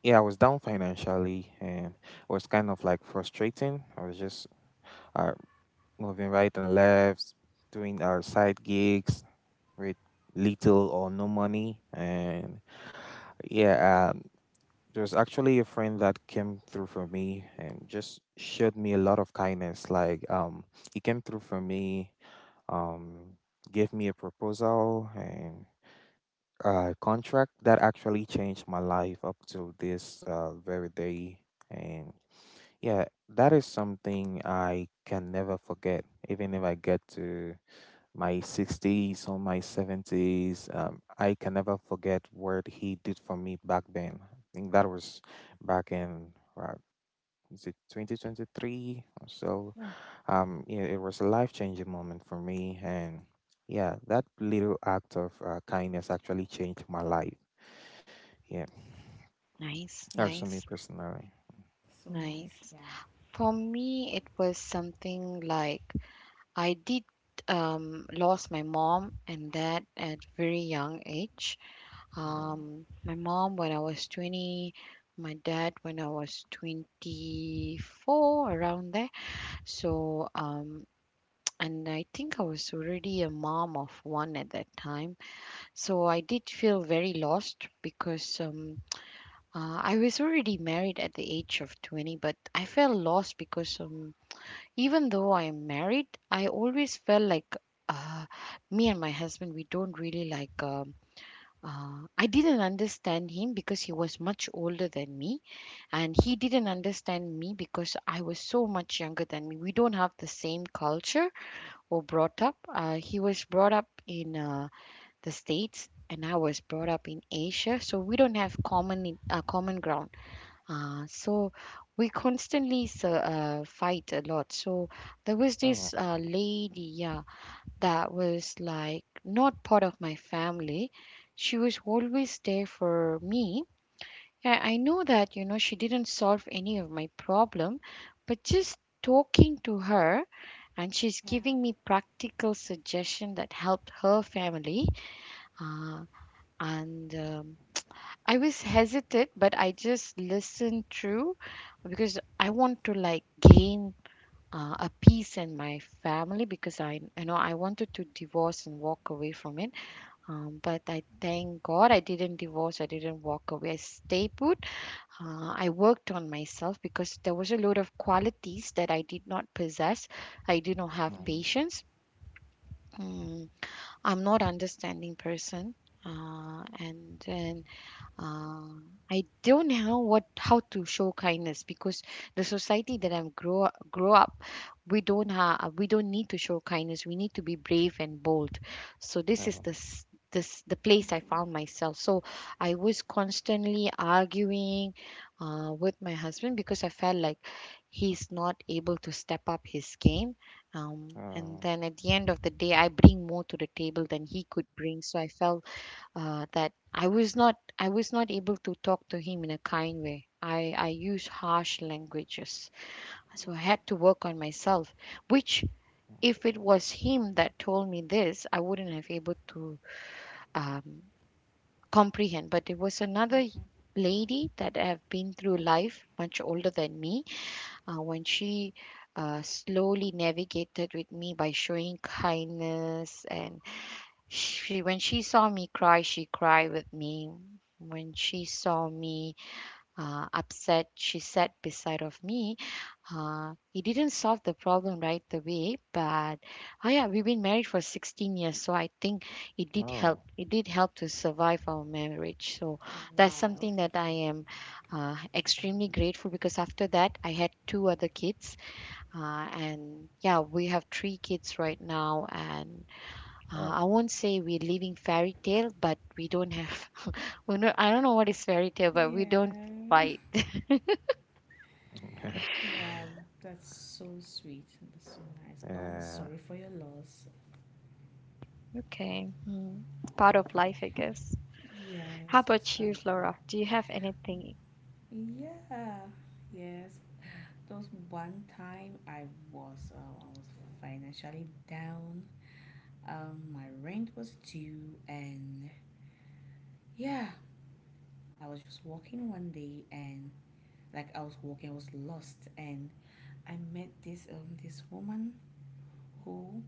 Speaker 3: yeah, I was down financially and it was kind of like frustrating. I was just uh moving right and left, doing our side gigs with little or no money and yeah uh, there's actually a friend that came through for me and just showed me a lot of kindness. Like, um, he came through for me, um, gave me a proposal and a contract that actually changed my life up to this uh, very day. And yeah, that is something I can never forget, even if I get to my sixties or my seventies. Um, I can never forget what he did for me back then. I think that was back in, uh, is it twenty twenty-three or so?
Speaker 1: Mm.
Speaker 3: Um, yeah, it was a life changing moment for me. And yeah, that little act of uh, kindness actually changed my life. Yeah,
Speaker 1: Nice,
Speaker 3: that's for me
Speaker 1: nice,
Speaker 3: personally.
Speaker 2: So nice.
Speaker 1: nice.
Speaker 2: Yeah.
Speaker 1: For me, it was something like I did, um, lost my mom and dad at very young age.
Speaker 3: Oh,
Speaker 1: Um, my mom when I was twenty, my dad when I was twenty-four, around there. So, um, and I think I was already a mom of one at that time. So I did feel very lost because um, uh, I was already married at the age of twenty, but I felt lost because, um, even though I am married, I always felt like uh, me and my husband, we don't really like. Uh, uh, I didn't understand him because he was much older than me, and he didn't understand me because I was so much younger than me. We don't have the same culture or brought up. Uh, he was brought up in uh, the States, and I was brought up in Asia, so we don't have common uh, common ground. Uh, so we constantly s- uh, fight a lot. So there was
Speaker 3: oh,
Speaker 1: this uh, lady, yeah, that was like not part of my family. She was always there for me. And I know that, you know, she didn't solve any of my problem, but just talking to her, and she's
Speaker 2: Yeah.
Speaker 1: giving me practical suggestion that helped her family. Uh, and um, I was hesitant, but I just listened through because I want to like gain uh, a peace in my family because I, you know, I wanted to divorce and walk away from it. Um, but I thank God I didn't divorce. I didn't walk away. I stay put. Uh, I worked on myself because there was a lot of qualities that I did not possess. I did not have
Speaker 2: Okay.
Speaker 3: mm,
Speaker 1: patience. Mm, I'm not understanding person. Uh, and then uh, I don't know what how to show kindness because the society that I'm grow grow up, we don't have we don't need to show kindness. We need to be brave and bold. So this is
Speaker 3: oh,
Speaker 1: the s- this the place I
Speaker 2: Okay.
Speaker 1: found myself. So I was constantly arguing, uh, with my husband because I felt like he's not able to step up his game. Um, and
Speaker 3: oh,
Speaker 1: then at the end of the day, I bring more to the table than he could bring. So I felt uh, that I was not I was not able to talk to him in a kind way. I, I use harsh languages. So I had to work on myself, which if it was him that told me this, I wouldn't have able to, um, comprehend. But it was another
Speaker 2: Okay.
Speaker 1: lady that have been through life much older than me, uh, when she uh, slowly navigated with me by showing kindness, and she when she saw me cry, she cried with me. When she saw me, uh, upset, she sat beside of me. Uh, it didn't solve the problem right away, but oh yeah, we've been married for sixteen years, so I think it did help.
Speaker 3: oh,
Speaker 1: It did help to survive our marriage. So that's
Speaker 2: Wow.
Speaker 1: something that I am, uh, extremely grateful because after that, I had two other kids, uh, and yeah, we have three kids right now, and uh,
Speaker 3: oh.
Speaker 1: I won't say we're living fairy tale, but we don't have. We not. I don't know what is fairy tale, but we don't
Speaker 2: Yeah.
Speaker 1: fight.
Speaker 2: Wow, that's so sweet, and that's so nice. Oh, I'm
Speaker 3: Yeah,
Speaker 2: sorry for your loss.
Speaker 1: Okay. Mm. Part of life, I guess.
Speaker 2: Yeah,
Speaker 1: How
Speaker 2: that's just
Speaker 1: about you,
Speaker 2: powerful.
Speaker 1: Flora? Do you have anything?
Speaker 2: Yeah. Yes. There was one time I was uh, I was financially down. Um, my rent was due, and yeah, I was just walking one day, and like I was walking, I was lost, and I met this um this woman who,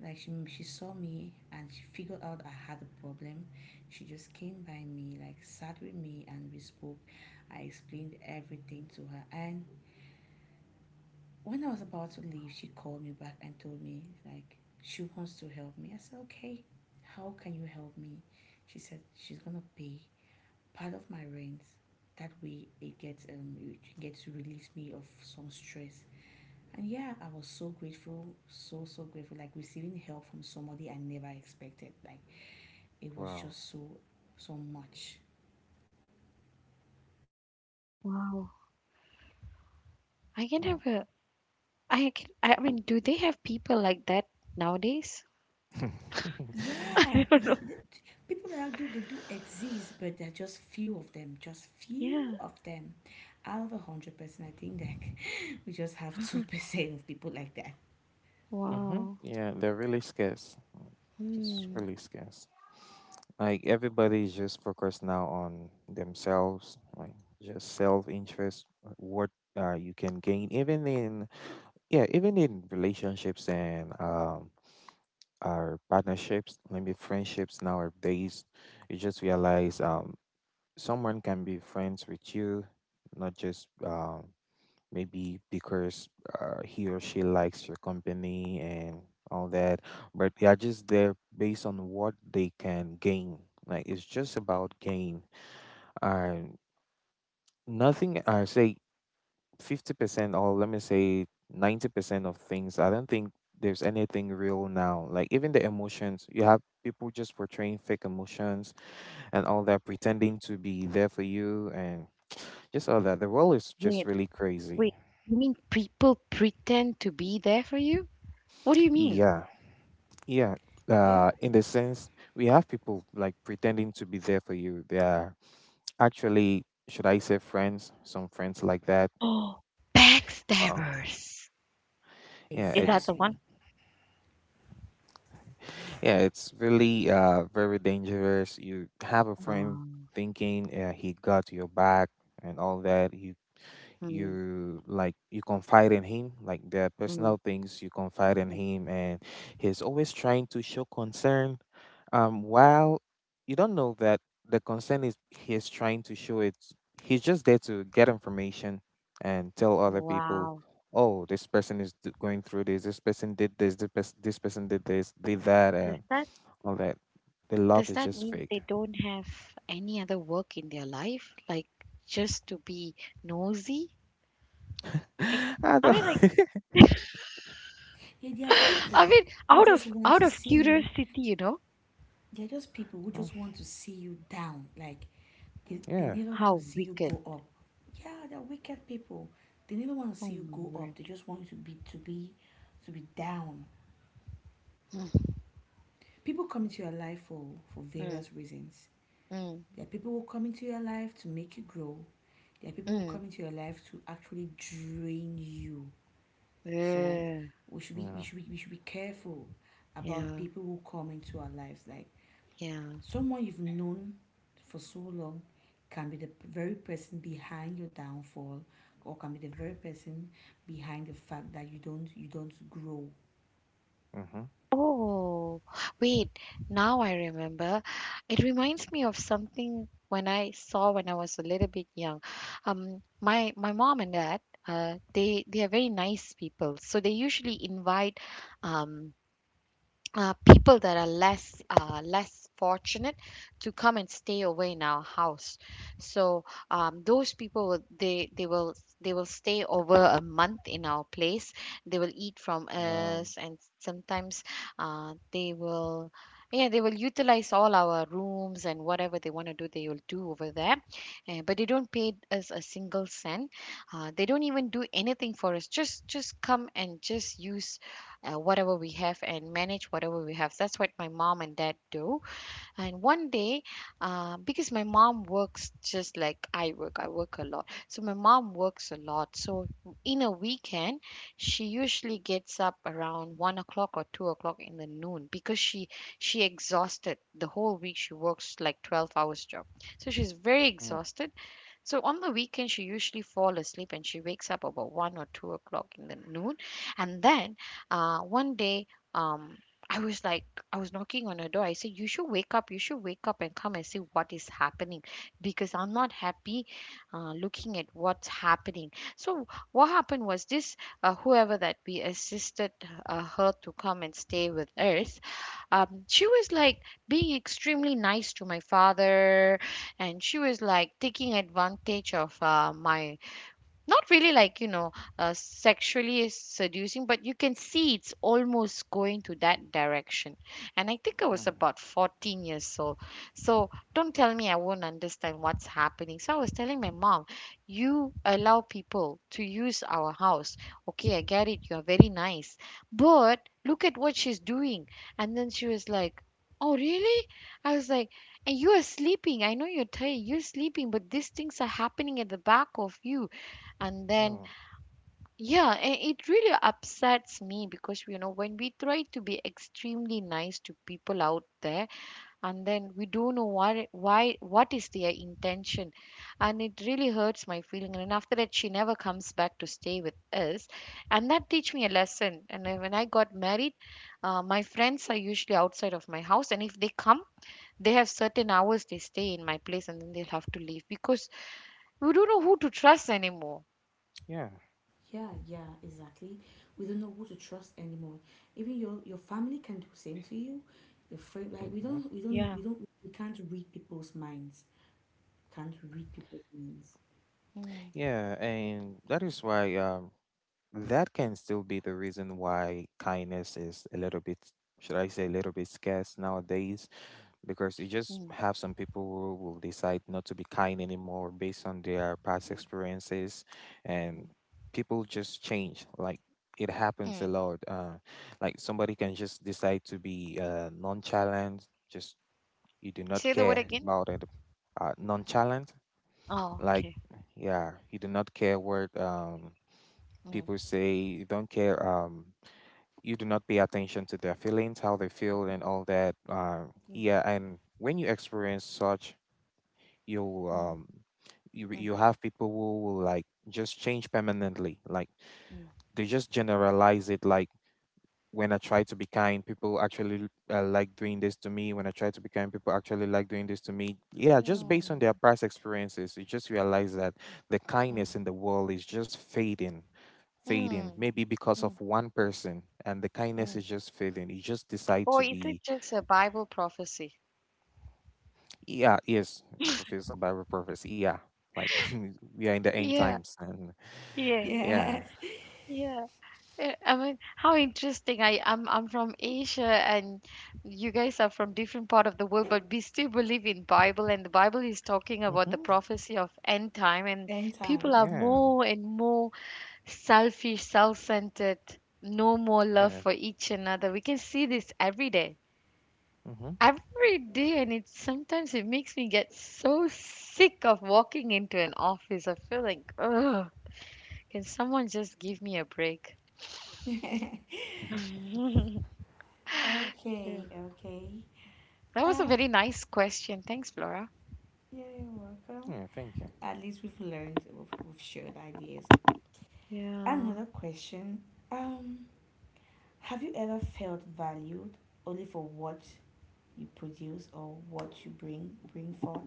Speaker 2: like, she, she saw me and she figured out I had a problem. She just came by me, like sat with me and we spoke. I explained everything to her, and when I was about to leave, she called me back and told me like she wants to help me. I said, "Okay. How can you help me?" She said she's going to pay part of my rent. That way it gets um it gets to release me of some stress. And yeah, I was so grateful, so, so grateful. Like receiving help from somebody I never expected. Like it was
Speaker 3: wow.
Speaker 2: just so, so much.
Speaker 1: Wow, I can have a. I can. I mean, do they have people like that nowadays?
Speaker 3: Oh.
Speaker 2: Yeah,
Speaker 1: I don't
Speaker 2: yeah.
Speaker 1: know.
Speaker 2: th- th- People that do, they do exist, but there are just few of them, just few
Speaker 1: Yeah.
Speaker 2: of them. Out of a hundred percent, I think that we just have two percent of people like that.
Speaker 3: Mm-hmm.
Speaker 1: Wow.
Speaker 3: Yeah, they're really scarce. Mm, just
Speaker 1: Hmm.
Speaker 3: really scarce. Like everybody's just focused now on themselves, like just self interest, what uh, you can gain, even in yeah, even in relationships and um our partnerships, maybe friendships nowadays, you just realize um someone can be friends with you, not just um maybe because uh, he or she likes your company and all that, but they are just there based on what they can gain, like it's just about gain. And nothing i say fifty percent or let me say ninety percent of things. I don't think there's anything real now. Like even the emotions you have, people just portraying fake emotions and all that, pretending to be there for you, and just all that. The world is just
Speaker 1: Wait,
Speaker 3: really crazy.
Speaker 1: wait. You mean people pretend to be there for you? What do you mean?
Speaker 3: Yeah. Yeah, uh,
Speaker 2: Yeah,
Speaker 3: in the sense we have people like pretending to be there for you. They are actually, should I say, friends? Some friends like that.
Speaker 1: Oh,
Speaker 3: Uh,
Speaker 1: backstabbers.
Speaker 3: yeah,
Speaker 1: Is that
Speaker 3: it's
Speaker 1: the one?
Speaker 2: exactly.
Speaker 3: yeah, it's really uh very dangerous. You have a friend
Speaker 1: Oh.
Speaker 3: thinking uh, he got your back and all that. You
Speaker 1: Mm,
Speaker 3: you like you confide in him, like there are
Speaker 1: mm,
Speaker 3: personal things you confide in
Speaker 1: mm.
Speaker 3: him, and he's always trying to show concern um while you don't know that the concern is he's trying to show it, he's just there to get information and tell other people,
Speaker 1: Wow.
Speaker 3: oh, this person is d- going through this, this person did this this, pers- this person did this, did that,
Speaker 1: Does
Speaker 3: and
Speaker 1: that
Speaker 3: all that. The love
Speaker 1: does
Speaker 3: is
Speaker 1: that
Speaker 3: just
Speaker 1: mean
Speaker 3: fake.
Speaker 1: they don't have any other work in their life? Like just to be nosy? Like
Speaker 3: i
Speaker 1: I
Speaker 3: don't
Speaker 1: mean like
Speaker 2: Yeah, there are
Speaker 1: I
Speaker 2: people
Speaker 1: mean
Speaker 2: who
Speaker 1: out
Speaker 2: just
Speaker 1: of
Speaker 2: want
Speaker 1: out
Speaker 2: to
Speaker 1: of
Speaker 2: see you.
Speaker 1: curiosity, you know?
Speaker 2: There are just people who
Speaker 3: Oh,
Speaker 2: just want to see you down. Like, They, they
Speaker 3: yeah.
Speaker 2: never want to
Speaker 1: How
Speaker 2: see you
Speaker 1: wicked.
Speaker 2: go up. Yeah, they're wicked people. They never want to
Speaker 1: Oh
Speaker 2: see you
Speaker 1: my
Speaker 2: go
Speaker 1: word.
Speaker 2: up. They just want you to be to be to be down.
Speaker 1: Mm,
Speaker 2: People come into your life for, for
Speaker 1: mm,
Speaker 2: various reasons.
Speaker 1: mm,
Speaker 2: There are people who come into your life to make you grow. There are people who
Speaker 1: mm.
Speaker 2: come into your life to actually drain you. So
Speaker 1: Ugh.
Speaker 2: we should be we
Speaker 3: Hmm.
Speaker 2: should be, we should be careful about
Speaker 1: Yeah,
Speaker 2: people who come into our lives. Like,
Speaker 1: yeah.
Speaker 2: someone you've known for so long can be the very person behind your downfall, or can be the very person behind the fact that you don't you don't grow.
Speaker 3: Mm-hmm.
Speaker 1: Oh, wait, now I remember. It reminds me of something when I saw when I was a little bit young. Um, my my mom and dad, uh, they they are very nice people, so they usually invite um uh, people that are less, uh, less fortunate to come and stay away in our house. So um, those people will, they they will they will stay over a month in our place. They will eat from
Speaker 3: Wow.
Speaker 1: us, and sometimes uh, they will. Yeah, they will utilize all our rooms and whatever they want to do, they will do over there. Uh, but they don't pay us a single cent. Uh, they don't even do anything for us. Just, just come and just use, uh, whatever we have and manage whatever we have. That's what my mom and dad do. And one day, uh, because my mom works just like I work, I work a lot. So my mom works a lot. So in a weekend, she usually gets up around one o'clock or two o'clock in the noon because she she exhausted the whole week. She works like twelve hours job, so she's very
Speaker 3: Mm-hmm.
Speaker 1: exhausted. So on the weekend, she usually fall asleep and she wakes up about one or two o'clock in the noon. And then uh, one day, um, I was like, I was knocking on her door. I said, "You should wake up. You should wake up and come and see what is happening, because I'm not happy uh, looking at what's happening." So what happened was this: uh, whoever that we assisted uh, her to come and stay with us, um, she was like being extremely nice to my father, and she was like taking advantage of uh, my, not really like you know uh, sexually seducing, but you can see it's almost going to that direction. And I think I was about fourteen years old, so don't tell me I won't understand what's happening. So I was telling my mom, you allow people to use our house, okay, I get it, you're very nice, but look at what she's doing. And then she was like, oh really? I was like, and you are sleeping, I know you're tired, you're sleeping, but these things are happening at the back of you. And then,
Speaker 3: Oh,
Speaker 1: yeah, and it really upsets me because you know when we try to be extremely nice to people out there, and then we don't know why why what is their intention. And it really hurts my feeling. And then after that she never comes back to stay with us. And that teach me a lesson. And then when I got married, uh, my friends are usually outside of my house, and if they come they have certain hours they stay in my place, and then they'll have to leave because we don't know who to trust anymore.
Speaker 3: yeah.
Speaker 2: Yeah, yeah, exactly. We don't know who to trust anymore. Even your your family can do the same to you. Your friend, like we
Speaker 3: Mm-hmm.
Speaker 2: don't,
Speaker 1: Yeah.
Speaker 2: we don't, we don't, we can't read people's minds. Can't read people's minds.
Speaker 1: Mm.
Speaker 3: Yeah, and that is why um that can still be the reason why kindness is a little bit, should I say, a little bit scarce nowadays, because you just
Speaker 1: Mm.
Speaker 3: have some people who will decide not to be kind anymore based on their past
Speaker 1: Mm.
Speaker 3: experiences. And people just change, like it happens a
Speaker 1: Mm.
Speaker 3: lot. Uh, like somebody can just decide to be uh, nonchalant, just you do not
Speaker 1: Say the word
Speaker 3: care
Speaker 1: again.
Speaker 3: about it. Uh, nonchalant,
Speaker 1: Oh,
Speaker 3: like
Speaker 1: okay.
Speaker 3: yeah, you do not care what um,
Speaker 1: Mm.
Speaker 3: people say, you don't care, um, you do not pay attention to their feelings, how they feel, and all that. Uh, yeah, and when you experience such, you
Speaker 1: Mm.
Speaker 3: um, you
Speaker 1: Mm.
Speaker 3: you have people who will like just change permanently. Like
Speaker 1: Mm.
Speaker 3: they just generalize it. Like when I try to be kind, people actually uh, like doing this to me. When I try to be kind, people actually like doing this to me. Yeah, just based on
Speaker 1: Mm.
Speaker 3: their past experiences, you just realize that the
Speaker 1: Mm.
Speaker 3: kindness in the world is just fading, fading,
Speaker 1: Mm.
Speaker 3: maybe because
Speaker 1: Mm.
Speaker 3: of one person, and the kindness
Speaker 1: Mm.
Speaker 3: is just fading. You just decide
Speaker 1: Or
Speaker 3: to
Speaker 1: is
Speaker 3: be,
Speaker 1: it just a Bible prophecy?
Speaker 3: yeah, yes, fulfills the Bible prophecy. Yeah, like we are in the end
Speaker 1: Yeah.
Speaker 3: times, and
Speaker 1: Yeah.
Speaker 3: yeah,
Speaker 2: Yes,
Speaker 1: Yeah. Eh, I mean, how interesting. I I'm I'm from Asia, and you guys are from different part of the world, but we still believe in Bible, and the Bible is talking about the
Speaker 3: mm-hmm.
Speaker 1: prophecy of end time, and
Speaker 2: end
Speaker 1: people
Speaker 2: time.
Speaker 1: are
Speaker 3: Yeah,
Speaker 1: more and more selfish, self centered, no more love
Speaker 3: yeah,
Speaker 1: for each another. We can see this every day.
Speaker 3: mm-hmm.
Speaker 1: Every day, and it sometimes it makes me get so sick of walking into an office. I feel like, ugh, can someone just give me a break?
Speaker 2: Okay,
Speaker 1: Yeah. That
Speaker 2: okay.
Speaker 1: was a
Speaker 2: Um,
Speaker 1: very nice question. Thanks, Flora.
Speaker 2: yeah, you're welcome.
Speaker 3: Yeah. Thank you.
Speaker 2: At least we've learned, we've, we've shared ideas.
Speaker 1: Yeah.
Speaker 2: Another question, um, have you ever felt valued only for what you produce or what you bring bring forth?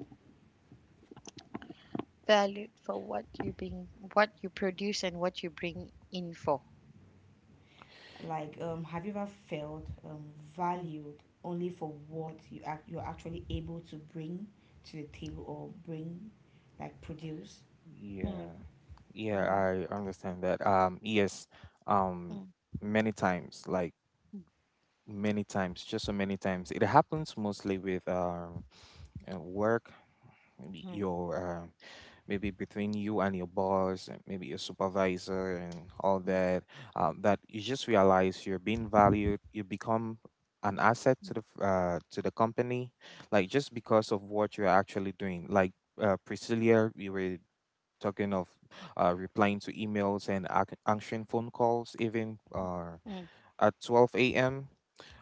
Speaker 1: Valued for what you bring, what you produce, and what you bring in for.
Speaker 2: Like,
Speaker 3: Y-
Speaker 2: um, have you ever felt um,
Speaker 1: Mm,
Speaker 2: valued only for what you act you're actually able to bring to the table or bring, like, produce?
Speaker 1: mm,
Speaker 3: Yeah, yeah,
Speaker 1: mm,
Speaker 3: I understand that. Um, yes, um,
Speaker 1: mm,
Speaker 3: many times, like many times, just so many times, it happens mostly with um uh, work, maybe
Speaker 1: mm, mm,
Speaker 3: your um maybe between you and your boss and maybe your supervisor and all that, um, that you just realize you're being valued, you become an asset to the f- uh, to the company, like just because of what you're actually doing. Like uh, Priscilla, we were talking of uh, replying to emails and ac- answering phone calls even uh,
Speaker 1: mm,
Speaker 3: at twelve a.m.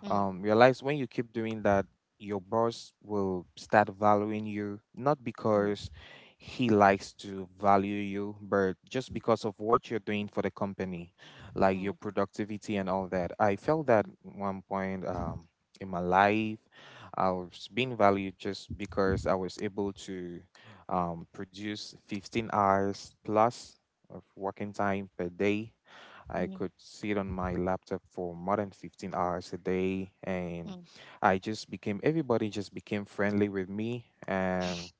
Speaker 1: mm, mm,
Speaker 3: um, Realize when you keep doing that, your boss will start valuing you, not because
Speaker 1: mm,
Speaker 3: he likes to value you, but just because of what you're doing for the company, like your
Speaker 1: mm.
Speaker 3: productivity and all that. I felt that one point um, in my life, I was being valued just because I was able to um, produce fifteen hours plus of working time per day. I could sit on my laptop for more than fifteen hours a day, and I just became, everybody just became friendly with me. And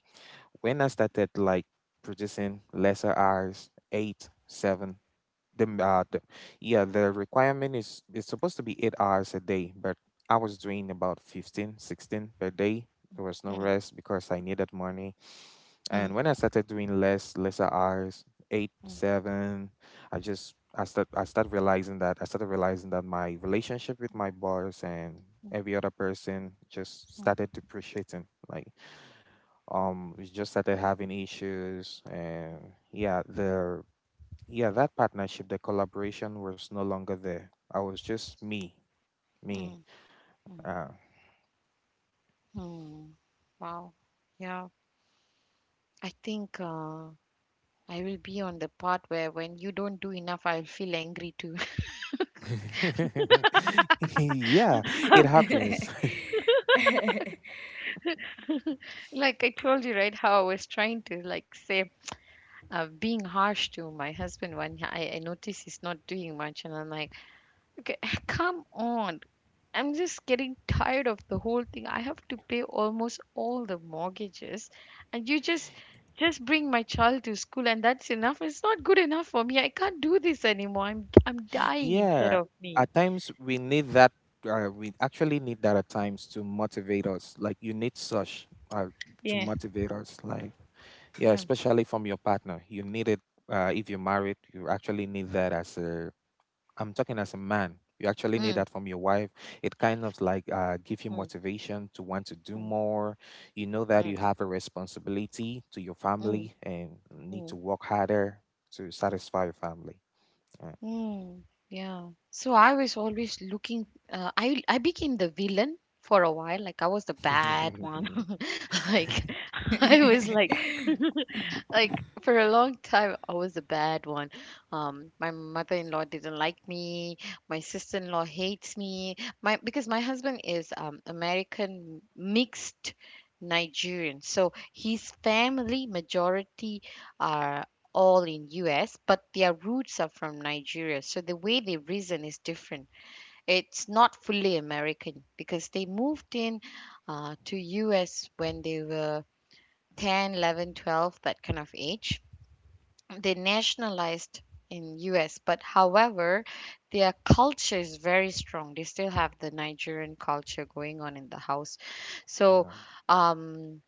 Speaker 3: when I started like producing lesser hours, eight, seven, the, m- uh, the yeah, the requirement is, it's supposed to be eight hours a day, but I was doing about fifteen, sixteen per day. There was no rest because I needed money. And when I started doing less lesser hours, eight, seven, I just I start I started realizing that I started realizing that my relationship with my boss and every other person just started depreciating. Like um we just started having issues, and yeah, the yeah, that partnership, the collaboration was no longer there. I was just me. Me. Uh,
Speaker 1: Wow. Yeah, I think uh, I will be on the part where when you don't do enough, I'll feel angry too.
Speaker 3: yeah, it happens.
Speaker 1: Like I told you, right, how I was trying to like say uh, being harsh to my husband when I, I notice he's not doing much, and I'm like, okay, come on, I'm just getting tired of the whole thing. I have to pay almost all the mortgages, and you just just bring my child to school, and that's enough. It's not good enough for me. I can't do this anymore. I'm I'm dying inside
Speaker 3: Yeah,
Speaker 1: of me.
Speaker 3: at times we need that. Uh, we actually need that at times to motivate us. Like you need such, uh, to
Speaker 1: Yeah.
Speaker 3: motivate us. Like yeah,
Speaker 1: Mm,
Speaker 3: especially from your partner. You need it, uh, if you're married. You actually need that as a, I'm talking as a man. You actually need
Speaker 1: mm,
Speaker 3: that from your wife. It kind of like uh, give you
Speaker 1: mm,
Speaker 3: motivation to want to do
Speaker 1: mm,
Speaker 3: more. You know that you
Speaker 1: mm,
Speaker 3: have a responsibility to your
Speaker 1: mm,
Speaker 3: family and need to
Speaker 1: mm,
Speaker 3: work harder to satisfy your family. Yeah.
Speaker 1: mm. Yeah. So I was always looking. Uh, I I became the villain for a while. Like I was the bad one. Like I was like like for a long time I was a bad one. Um my mother-in-law didn't like me, my sister-in-law hates me. My because my husband is um American mixed Nigerian. So his family majority are all in U S, but their roots are from Nigeria. So the way they reason is different. It's not fully American because they moved in uh, to U S when they were ten, eleven, twelve, that kind of age. They nationalized in U S, but however, their culture is very strong. They still have the Nigerian culture going on in the house. So,
Speaker 3: Yeah.
Speaker 1: um,